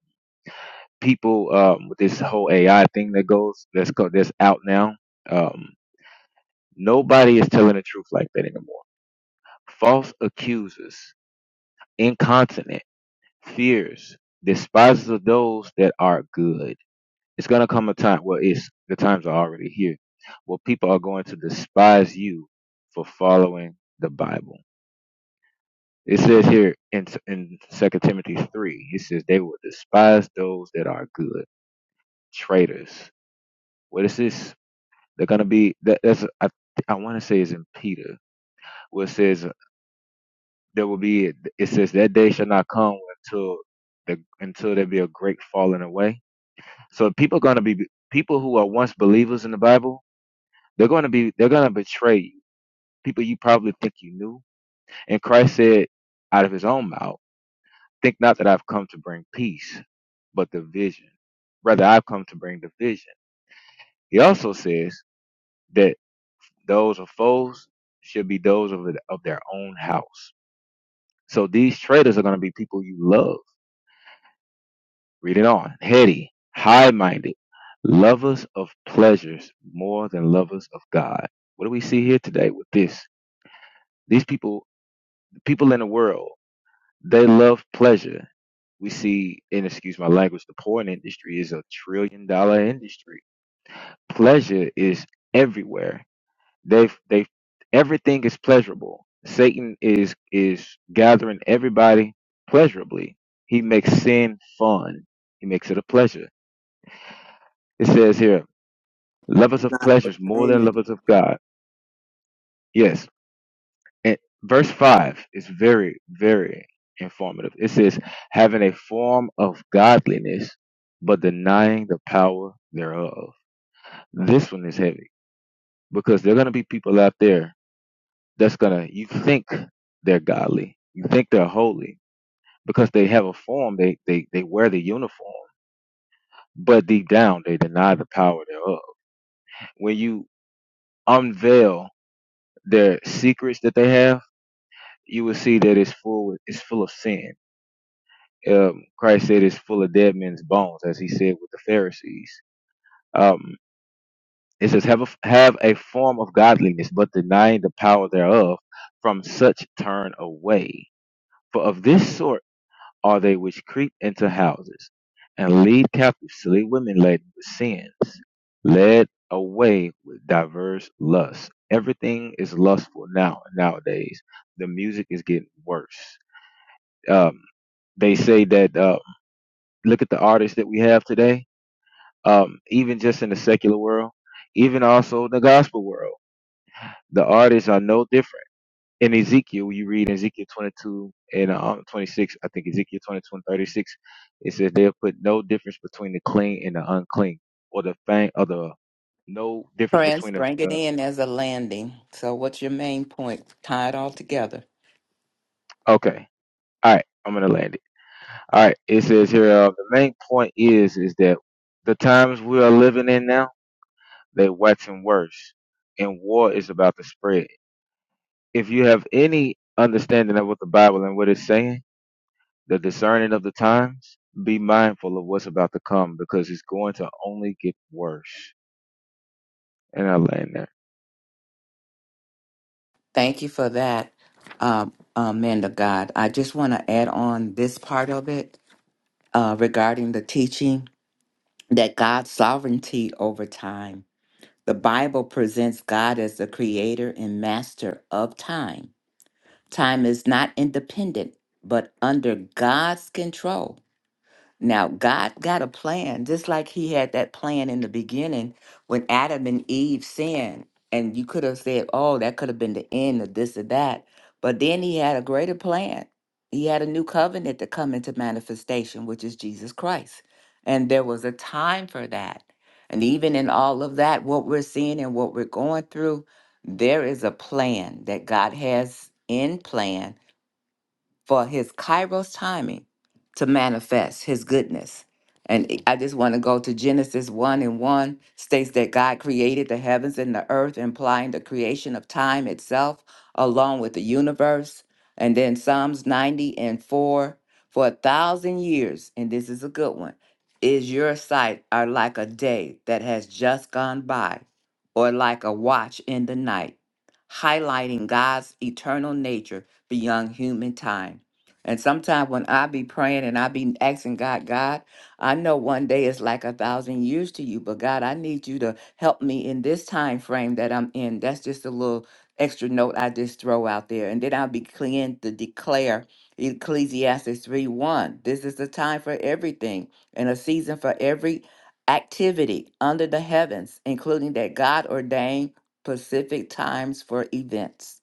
Speaker 7: people um, with this whole AI thing that goes that's go, that's out now. Um, nobody is telling the truth like that anymore. False accusers, incontinent. fears, despises of those that are good. It's gonna come a time. Well, it's the times are already here. Well, people are going to despise you for following the Bible. It says here in in Second Timothy three, it says they will despise those that are good, traitors. What is this? They're gonna be. That, that's I. I want to say is in Peter, where it says there will be. It says that day shall not come until the until there be a great falling away So people going to be people who are once believers in the Bible. They're going to be they're going to betray you. People you probably think you knew. And Christ said out of his own mouth, "Think not that I've come to bring peace, but division. Rather, I've come to bring division." He also says that those of foes should be those of of their own house. So these traitors are going to be people you love Read it on. Heady, high minded, lovers of pleasures more than lovers of God. What do we see here today with this? These people, people in the world, they love pleasure. We see, and excuse my language, the porn industry is a trillion dollar industry. Pleasure is everywhere. They've, they've, everything is pleasurable. Satan is, is gathering everybody pleasurably. He makes sin fun. He makes it a pleasure. It says here, lovers of
Speaker 3: Not
Speaker 7: pleasures more than
Speaker 3: pertaining.
Speaker 7: lovers of God. Yes. And verse 5 is very, very informative. It says, having a form of godliness, but denying the power thereof. This one is heavy because there are going to be people out there that's going to, you think they're godly, you think they're holy because they have a form, they, they, they wear the uniform, but deep down they deny the power thereof. When you unveil their secrets that they have, you will see that it's full with, it's full of sin. Um, Christ said it's full of dead men's bones, as he said with the Pharisees. Um, it says have a, have a form of godliness, but denying the power thereof. From such turn away. For of this sort are they which creep into houses, and lead captive silly women laden with sins, led away with diverse lusts. Everything is lustful now nowadays. The music is getting worse Um, they say that uh, look at the artists that we have today, um, even just in the secular world, even also the gospel world. The artists are no different. In Ezekiel, you read Ezekiel 22 and um, 26, I think Ezekiel 22 and 36, it says they'll put no difference between the clean and the unclean, or the thing, or the no difference
Speaker 1: Prince,
Speaker 7: between the.
Speaker 1: bring it
Speaker 7: the
Speaker 1: in as a landing. So, what's your main point? Tie it all together.
Speaker 7: okay, all right, I'm gonna land it. All right, it says here uh, the main point is is that the times we are living in now they waxing worse, and war is about to spread. If you have any understanding of what the Bible and what it's saying, the discerning of the times, be mindful of what's about to come because it's going to only get worse. And I land there.
Speaker 1: Thank you for that, um, um, man of God. I just want to add on this part of it uh, regarding the teaching that God's sovereignty over time. The Bible presents God as the creator and master of time. Time is not independent, but under God's control. Now, God got a plan, just like He had that plan in the beginning when Adam and Eve sinned. And you could have said, oh, that could have been the end of this or that. But then He had a greater plan. He had a new covenant to come into manifestation, which is Jesus Christ. And there was a time for that. And even in all of that, what we're seeing and what we're going through, there is a plan that God has in plan for his kairos timing to manifest his goodness. And it- I just want to go to Genesis 1 and 1 states that God created the heavens and the earth, implying the creation of time itself along with the universe. And then Psalms 90 and 4 for a thousand years, and this is a good one, is your sight are like a day that has just gone by, or like a watch in the night, highlighting God's eternal nature beyond human time. And sometimes when I be praying and I be asking God, God, I know one day is like a thousand years to you, but God, I need you to help me in this time frame that I'm in. That's just a little extra note I just throw out there. And then I'll be clean to declare Ecclesiastes 3 1. This is the time for everything and a season for every activity under the heavens, including that God ordained specific times for events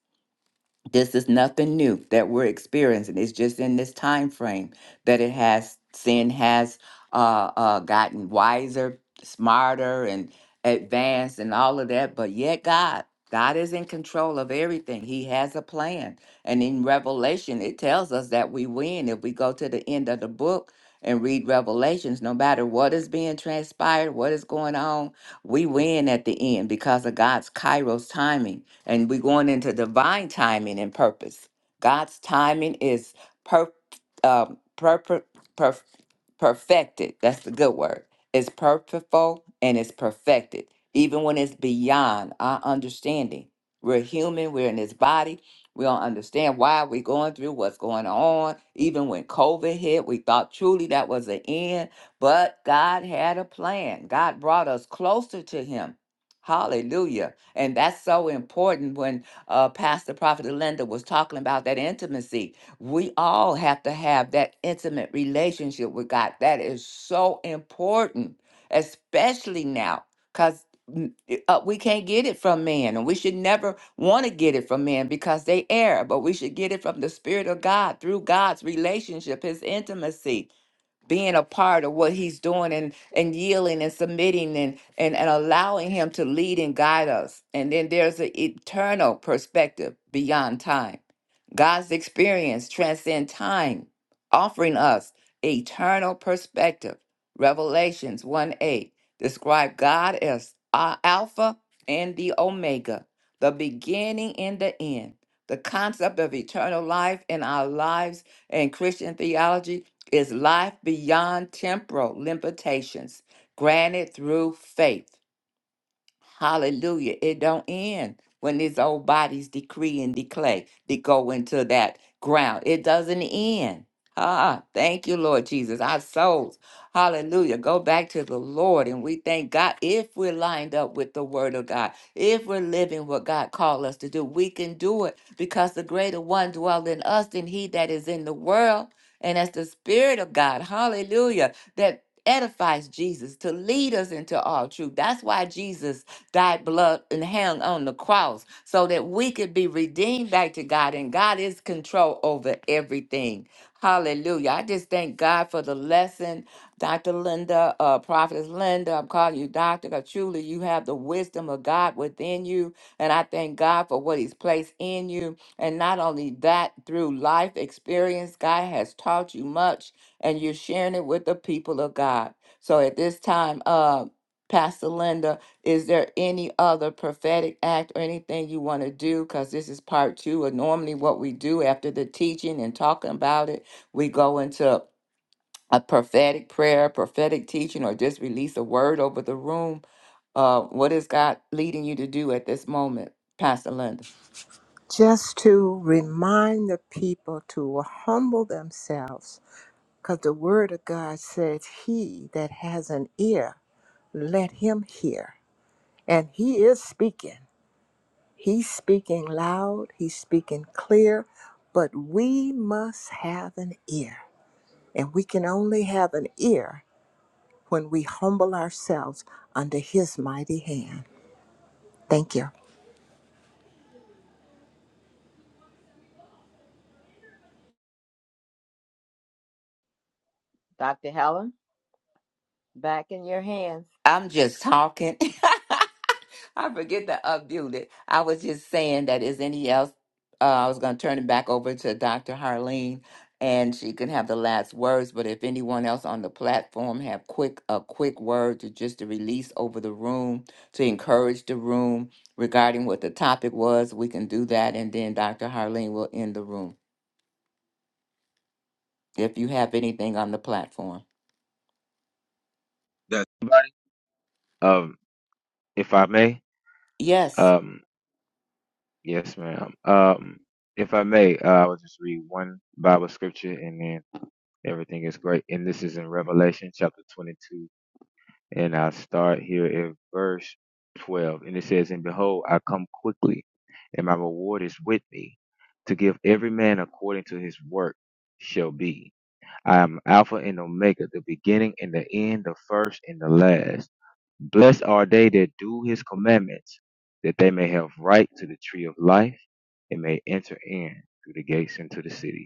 Speaker 1: this is nothing new that we're experiencing it's just in this time frame that it has sin has uh, uh gotten wiser smarter and advanced and all of that but yet god god is in control of everything he has a plan and in revelation it tells us that we win if we go to the end of the book and read revelations no matter what is being transpired what is going on we win at the end because of god's kairos timing and we're going into divine timing and purpose. God's timing is per, um, per, per, per- perfected. That's the good word. It's purposeful and it's perfected, even when it's beyond our understanding. We're human. We're in this body. We don't understand why we're going through what's going on. Even when COVID hit, we thought truly that was the end, but God had a plan. God brought us closer to Him. Hallelujah. And that's so important when uh, Pastor Prophet Linda was talking about that intimacy. We all have to have that intimate relationship with God. That is so important, especially now, because uh, we can't get it from men, and we should never want to get it from men because they err, but we should get it from the Spirit of God through God's relationship, His intimacy being a part of what he's doing and and yielding and submitting and and, and allowing him to lead and guide us and then there's an eternal perspective beyond time god's experience transcend time offering us eternal perspective revelations 1 8 describe god as a- alpha and the omega the beginning and the end the concept of eternal life in our lives and christian theology is life beyond temporal limitations, granted through faith. Hallelujah. It don't end when these old bodies decree and declare to go into that ground. It doesn't end. Ah, thank you, Lord Jesus. Our souls, hallelujah, go back to the Lord. And we thank God if we're lined up with the word of God, if we're living what God called us to do, we can do it because the greater one dwells in us than he that is in the world. And that's the spirit of God, hallelujah, that edifies Jesus to lead us into all truth. That's why Jesus died blood and hung on the cross so that we could be redeemed back to God and God is control over everything. Hallelujah. I just thank God for the lesson. Dr. Linda, uh, Prophetess Linda, I'm calling you Doctor because truly you have the wisdom of God within you. And I thank God for what He's placed in you. And not only that, through life experience, God has taught you much and you're sharing it with the people of God. So at this time, uh, Pastor Linda, is there any other prophetic act or anything you want to do? Because this is part two. And normally, what we do after the teaching and talking about it, we go into a prophetic prayer, prophetic teaching, or just release a word over the room. Uh, what is God leading you to do at this moment, Pastor Linda?
Speaker 5: Just to remind the people to humble themselves, because the Word of God says, He that has an ear, let him hear. And he is speaking. He's speaking loud, he's speaking clear, but we must have an ear. And we can only have an ear when we humble ourselves under his mighty hand. Thank you.
Speaker 2: Dr. Helen, back in your hands.
Speaker 1: I'm just talking. I forget to unmute it. I was just saying that is any else. Uh, I was going to turn it back over to Dr. Harleen, and she can have the last words. But if anyone else on the platform have quick a quick word to just to release over the room to encourage the room regarding what the topic was, we can do that, and then Dr. Harleen will end the room. If you have anything on the platform,
Speaker 7: That Anybody? Um, if I may,
Speaker 1: yes,
Speaker 7: um, yes, ma'am. Um, if I may, uh, I will just read one Bible scripture and then everything is great. And this is in Revelation chapter 22 And I start here at verse 12. And it says, And behold, I come quickly, and my reward is with me, to give every man according to his work shall be. I am Alpha and Omega, the beginning and the end, the first and the last. Blessed are they that do his commandments, that they may have right to the tree of life and may enter in through the gates into the city.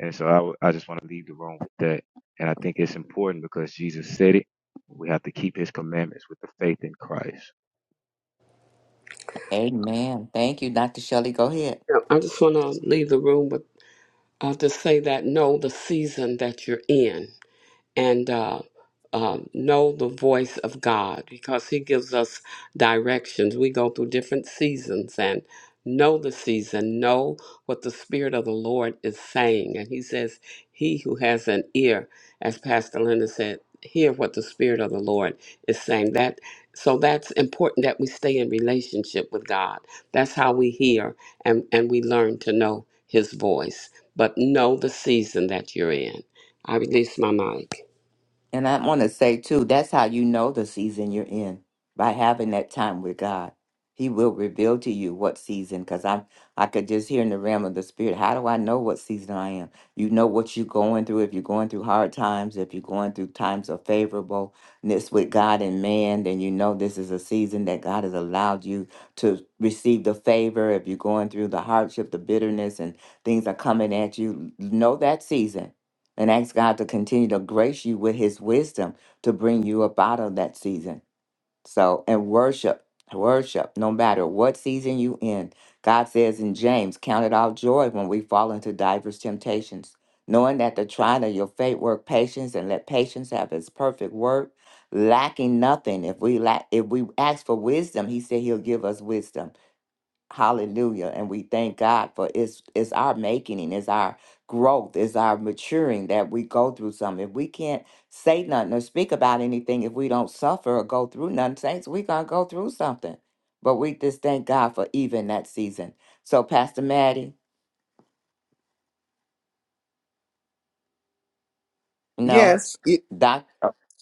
Speaker 7: And so I, w- I just want to leave the room with that. And I think it's important because Jesus said it. We have to keep his commandments with the faith in Christ.
Speaker 1: Amen. Thank you, Dr. Shelley. Go ahead.
Speaker 4: Yeah, I just want to leave the room with uh, to say that know the season that you're in and uh, um, know the voice of God because He gives us directions. We go through different seasons and know the season, know what the Spirit of the Lord is saying. And He says, He who has an ear, as Pastor Linda said, hear what the Spirit of the Lord is saying. That so that's important that we stay in relationship with God. That's how we hear and, and we learn to know His voice. But know the season that you're in. I release my mic.
Speaker 1: And I want to say too, that's how you know the season you're in by having that time with God. He will reveal to you what season. Because I, I could just hear in the realm of the spirit. How do I know what season I am? You know what you're going through. If you're going through hard times, if you're going through times of favorableness with God and man, then you know this is a season that God has allowed you to receive the favor. If you're going through the hardship, the bitterness, and things are coming at you, know that season and ask God to continue to grace you with his wisdom to bring you up out of that season. So, and worship, worship, no matter what season you in. God says in James, count it all joy when we fall into diverse temptations, knowing that the trying of your faith work patience and let patience have its perfect work, lacking nothing. If we lack, if we ask for wisdom, he said he'll give us wisdom. Hallelujah. And we thank God for it's it's our making, it's our growth, it's our maturing that we go through something. If we can't say nothing or speak about anything, if we don't suffer or go through nothing, saints, we gonna go through something. But we just thank God for even that season. So Pastor Maddie, no,
Speaker 3: Yes, it,
Speaker 1: Doc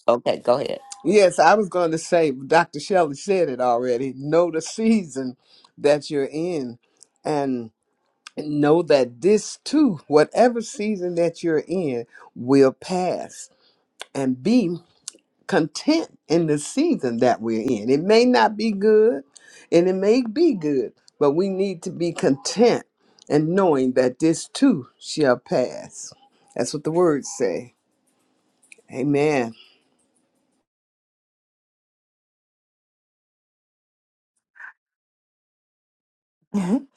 Speaker 1: okay, go ahead.
Speaker 3: yes, I was going to say, Dr. Shelley said it already. Know the season that you're in and know that this too, whatever season that you're in, will pass. And be. content in the season that we're in. It may not be good and it may be good, but we need to be content and knowing that this too shall pass. That's what the words say. Amen.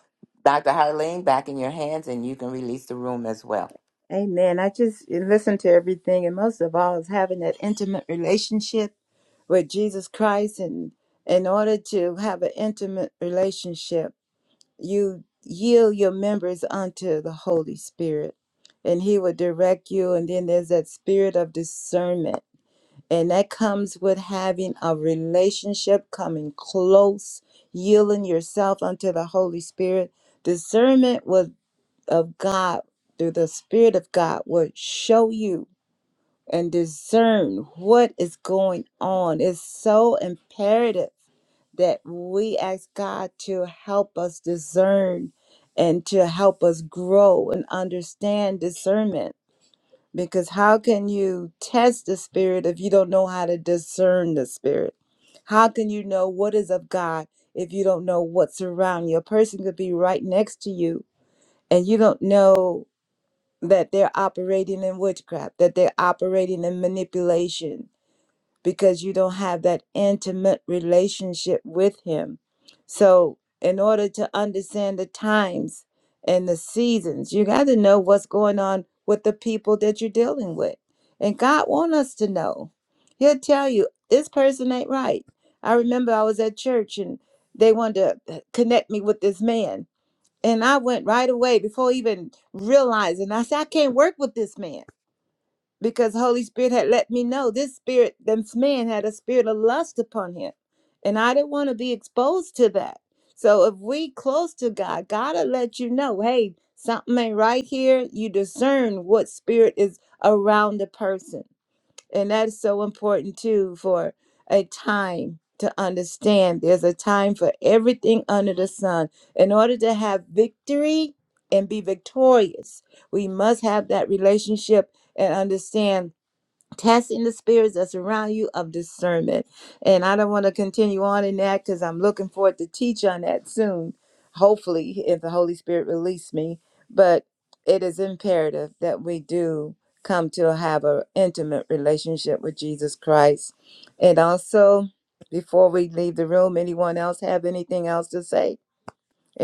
Speaker 1: Dr. Harleen, back in your hands and you can release the room as well.
Speaker 2: Amen. I just eh, listen to everything, and most of all, is having that intimate relationship with Jesus Christ. And in order to have an intimate relationship, you yield your members unto the Holy Spirit, and He will direct you. And then there's that spirit of discernment, and that comes with having a relationship, coming close, yielding yourself unto the Holy Spirit. Discernment was of God through the Spirit of God will show you and discern what is going on. It's so imperative that we ask God to help us discern and to help us grow and understand discernment. Because how can you test the Spirit if you don't know how to discern the Spirit? How can you know what is of God if you don't know what's around you? A person could be right next to you and you don't know that they're operating in witchcraft, that they're operating in manipulation because you don't have that intimate relationship with Him. So, in order to understand the times and the seasons, you got to know what's going on with the people that you're dealing with. And God wants us to know. He'll tell you, this person ain't right. I remember I was at church and they wanted to uh, connect me with this man and I went right away before even realizing. I said, I can't work with this man because Holy Spirit had let me know this spirit, this man had a spirit of lust upon him. And I didn't want to be exposed to that. So if we close to God, God will let you know, hey, something ain't right here. You discern what spirit is around the person and that's so important too for a time to understand there's a time for everything under the sun. In order to have victory and be victorious, we must have that relationship and understand testing the spirits that surround you of discernment. And I don't want to continue on in that because I'm looking forward to teach on that soon, hopefully, if the Holy Spirit release me. But it is imperative that we do come to have an intimate relationship with Jesus Christ. And also, before we leave the room, anyone else have anything else to say?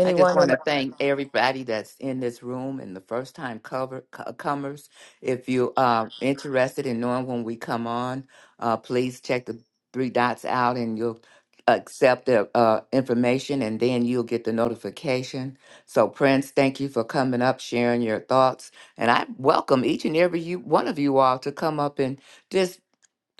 Speaker 1: I just want to thank everybody that's in this room and the first time cover co- comers. If you are interested in knowing when we come on, uh, please check the three dots out and you'll accept the uh, information and then you'll get the notification. So, Prince, thank you for coming up, sharing your thoughts. And I welcome each and every you, one of you all to come up and just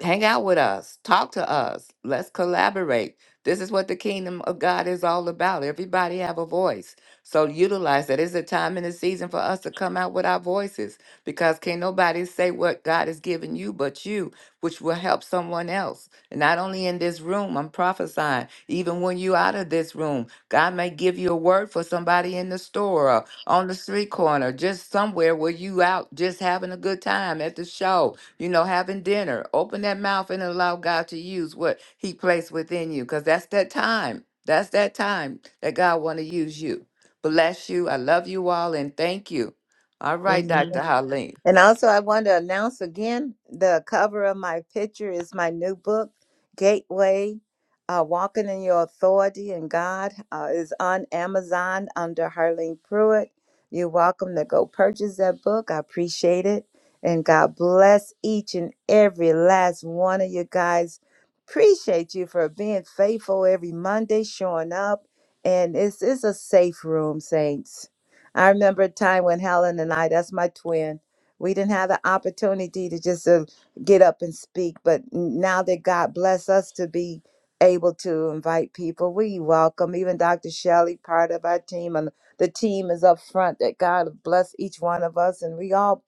Speaker 1: hang out with us, talk to us, let's collaborate. This is what the kingdom of God is all about. Everybody have a voice. So utilize that. It's a time and a season for us to come out with our voices because can nobody say what God has given you but you, which will help someone else. And not only in this room, I'm prophesying, even when you out of this room, God may give you a word for somebody in the store or on the street corner, just somewhere where you out just having a good time at the show you know, having dinner. Open that mouth and allow God to use what He placed within you, because that's that time. That's that time that God want to use you. Bless you. I love you all and thank you. All right,
Speaker 2: In the,
Speaker 1: Thank Dr. Haleen.
Speaker 2: And also, I want to announce again the cover of my picture is my new book, Gateway uh, Walking in Your Authority and God, uh, is on Amazon under Harleen Pruitt. You're welcome to go purchase that book. I appreciate it. And God bless each and every last one of you guys. Appreciate you for being faithful every Monday, showing up. And it's, it's a safe room, Saints. I remember a time when Helen and I, that's my twin, we didn't have the opportunity to just uh, get up and speak, but now that God bless us to be able to invite people, we welcome even Dr. Shelley, part of our team, and the team is up front. That God bless each one of us, and we all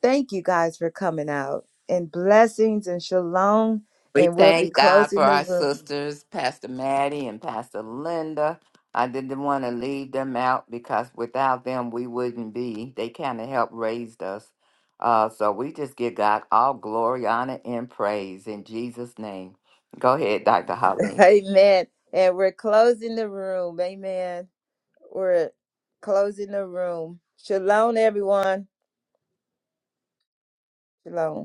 Speaker 2: thank you guys for coming out and blessings and shalom.
Speaker 1: We
Speaker 2: And we'll be
Speaker 1: thank God for
Speaker 2: closing the
Speaker 1: our
Speaker 2: room.
Speaker 1: sisters, Pastor Maddie and Pastor Linda. I didn't want to leave them out because without them, we wouldn't be. They kind of helped raise us. Uh, so we just give God all glory, honor, and praise in Jesus' name. Go ahead, Dr. Holly.
Speaker 2: Amen. And we're closing the room. Amen. We're closing the room. Shalom, everyone. Shalom.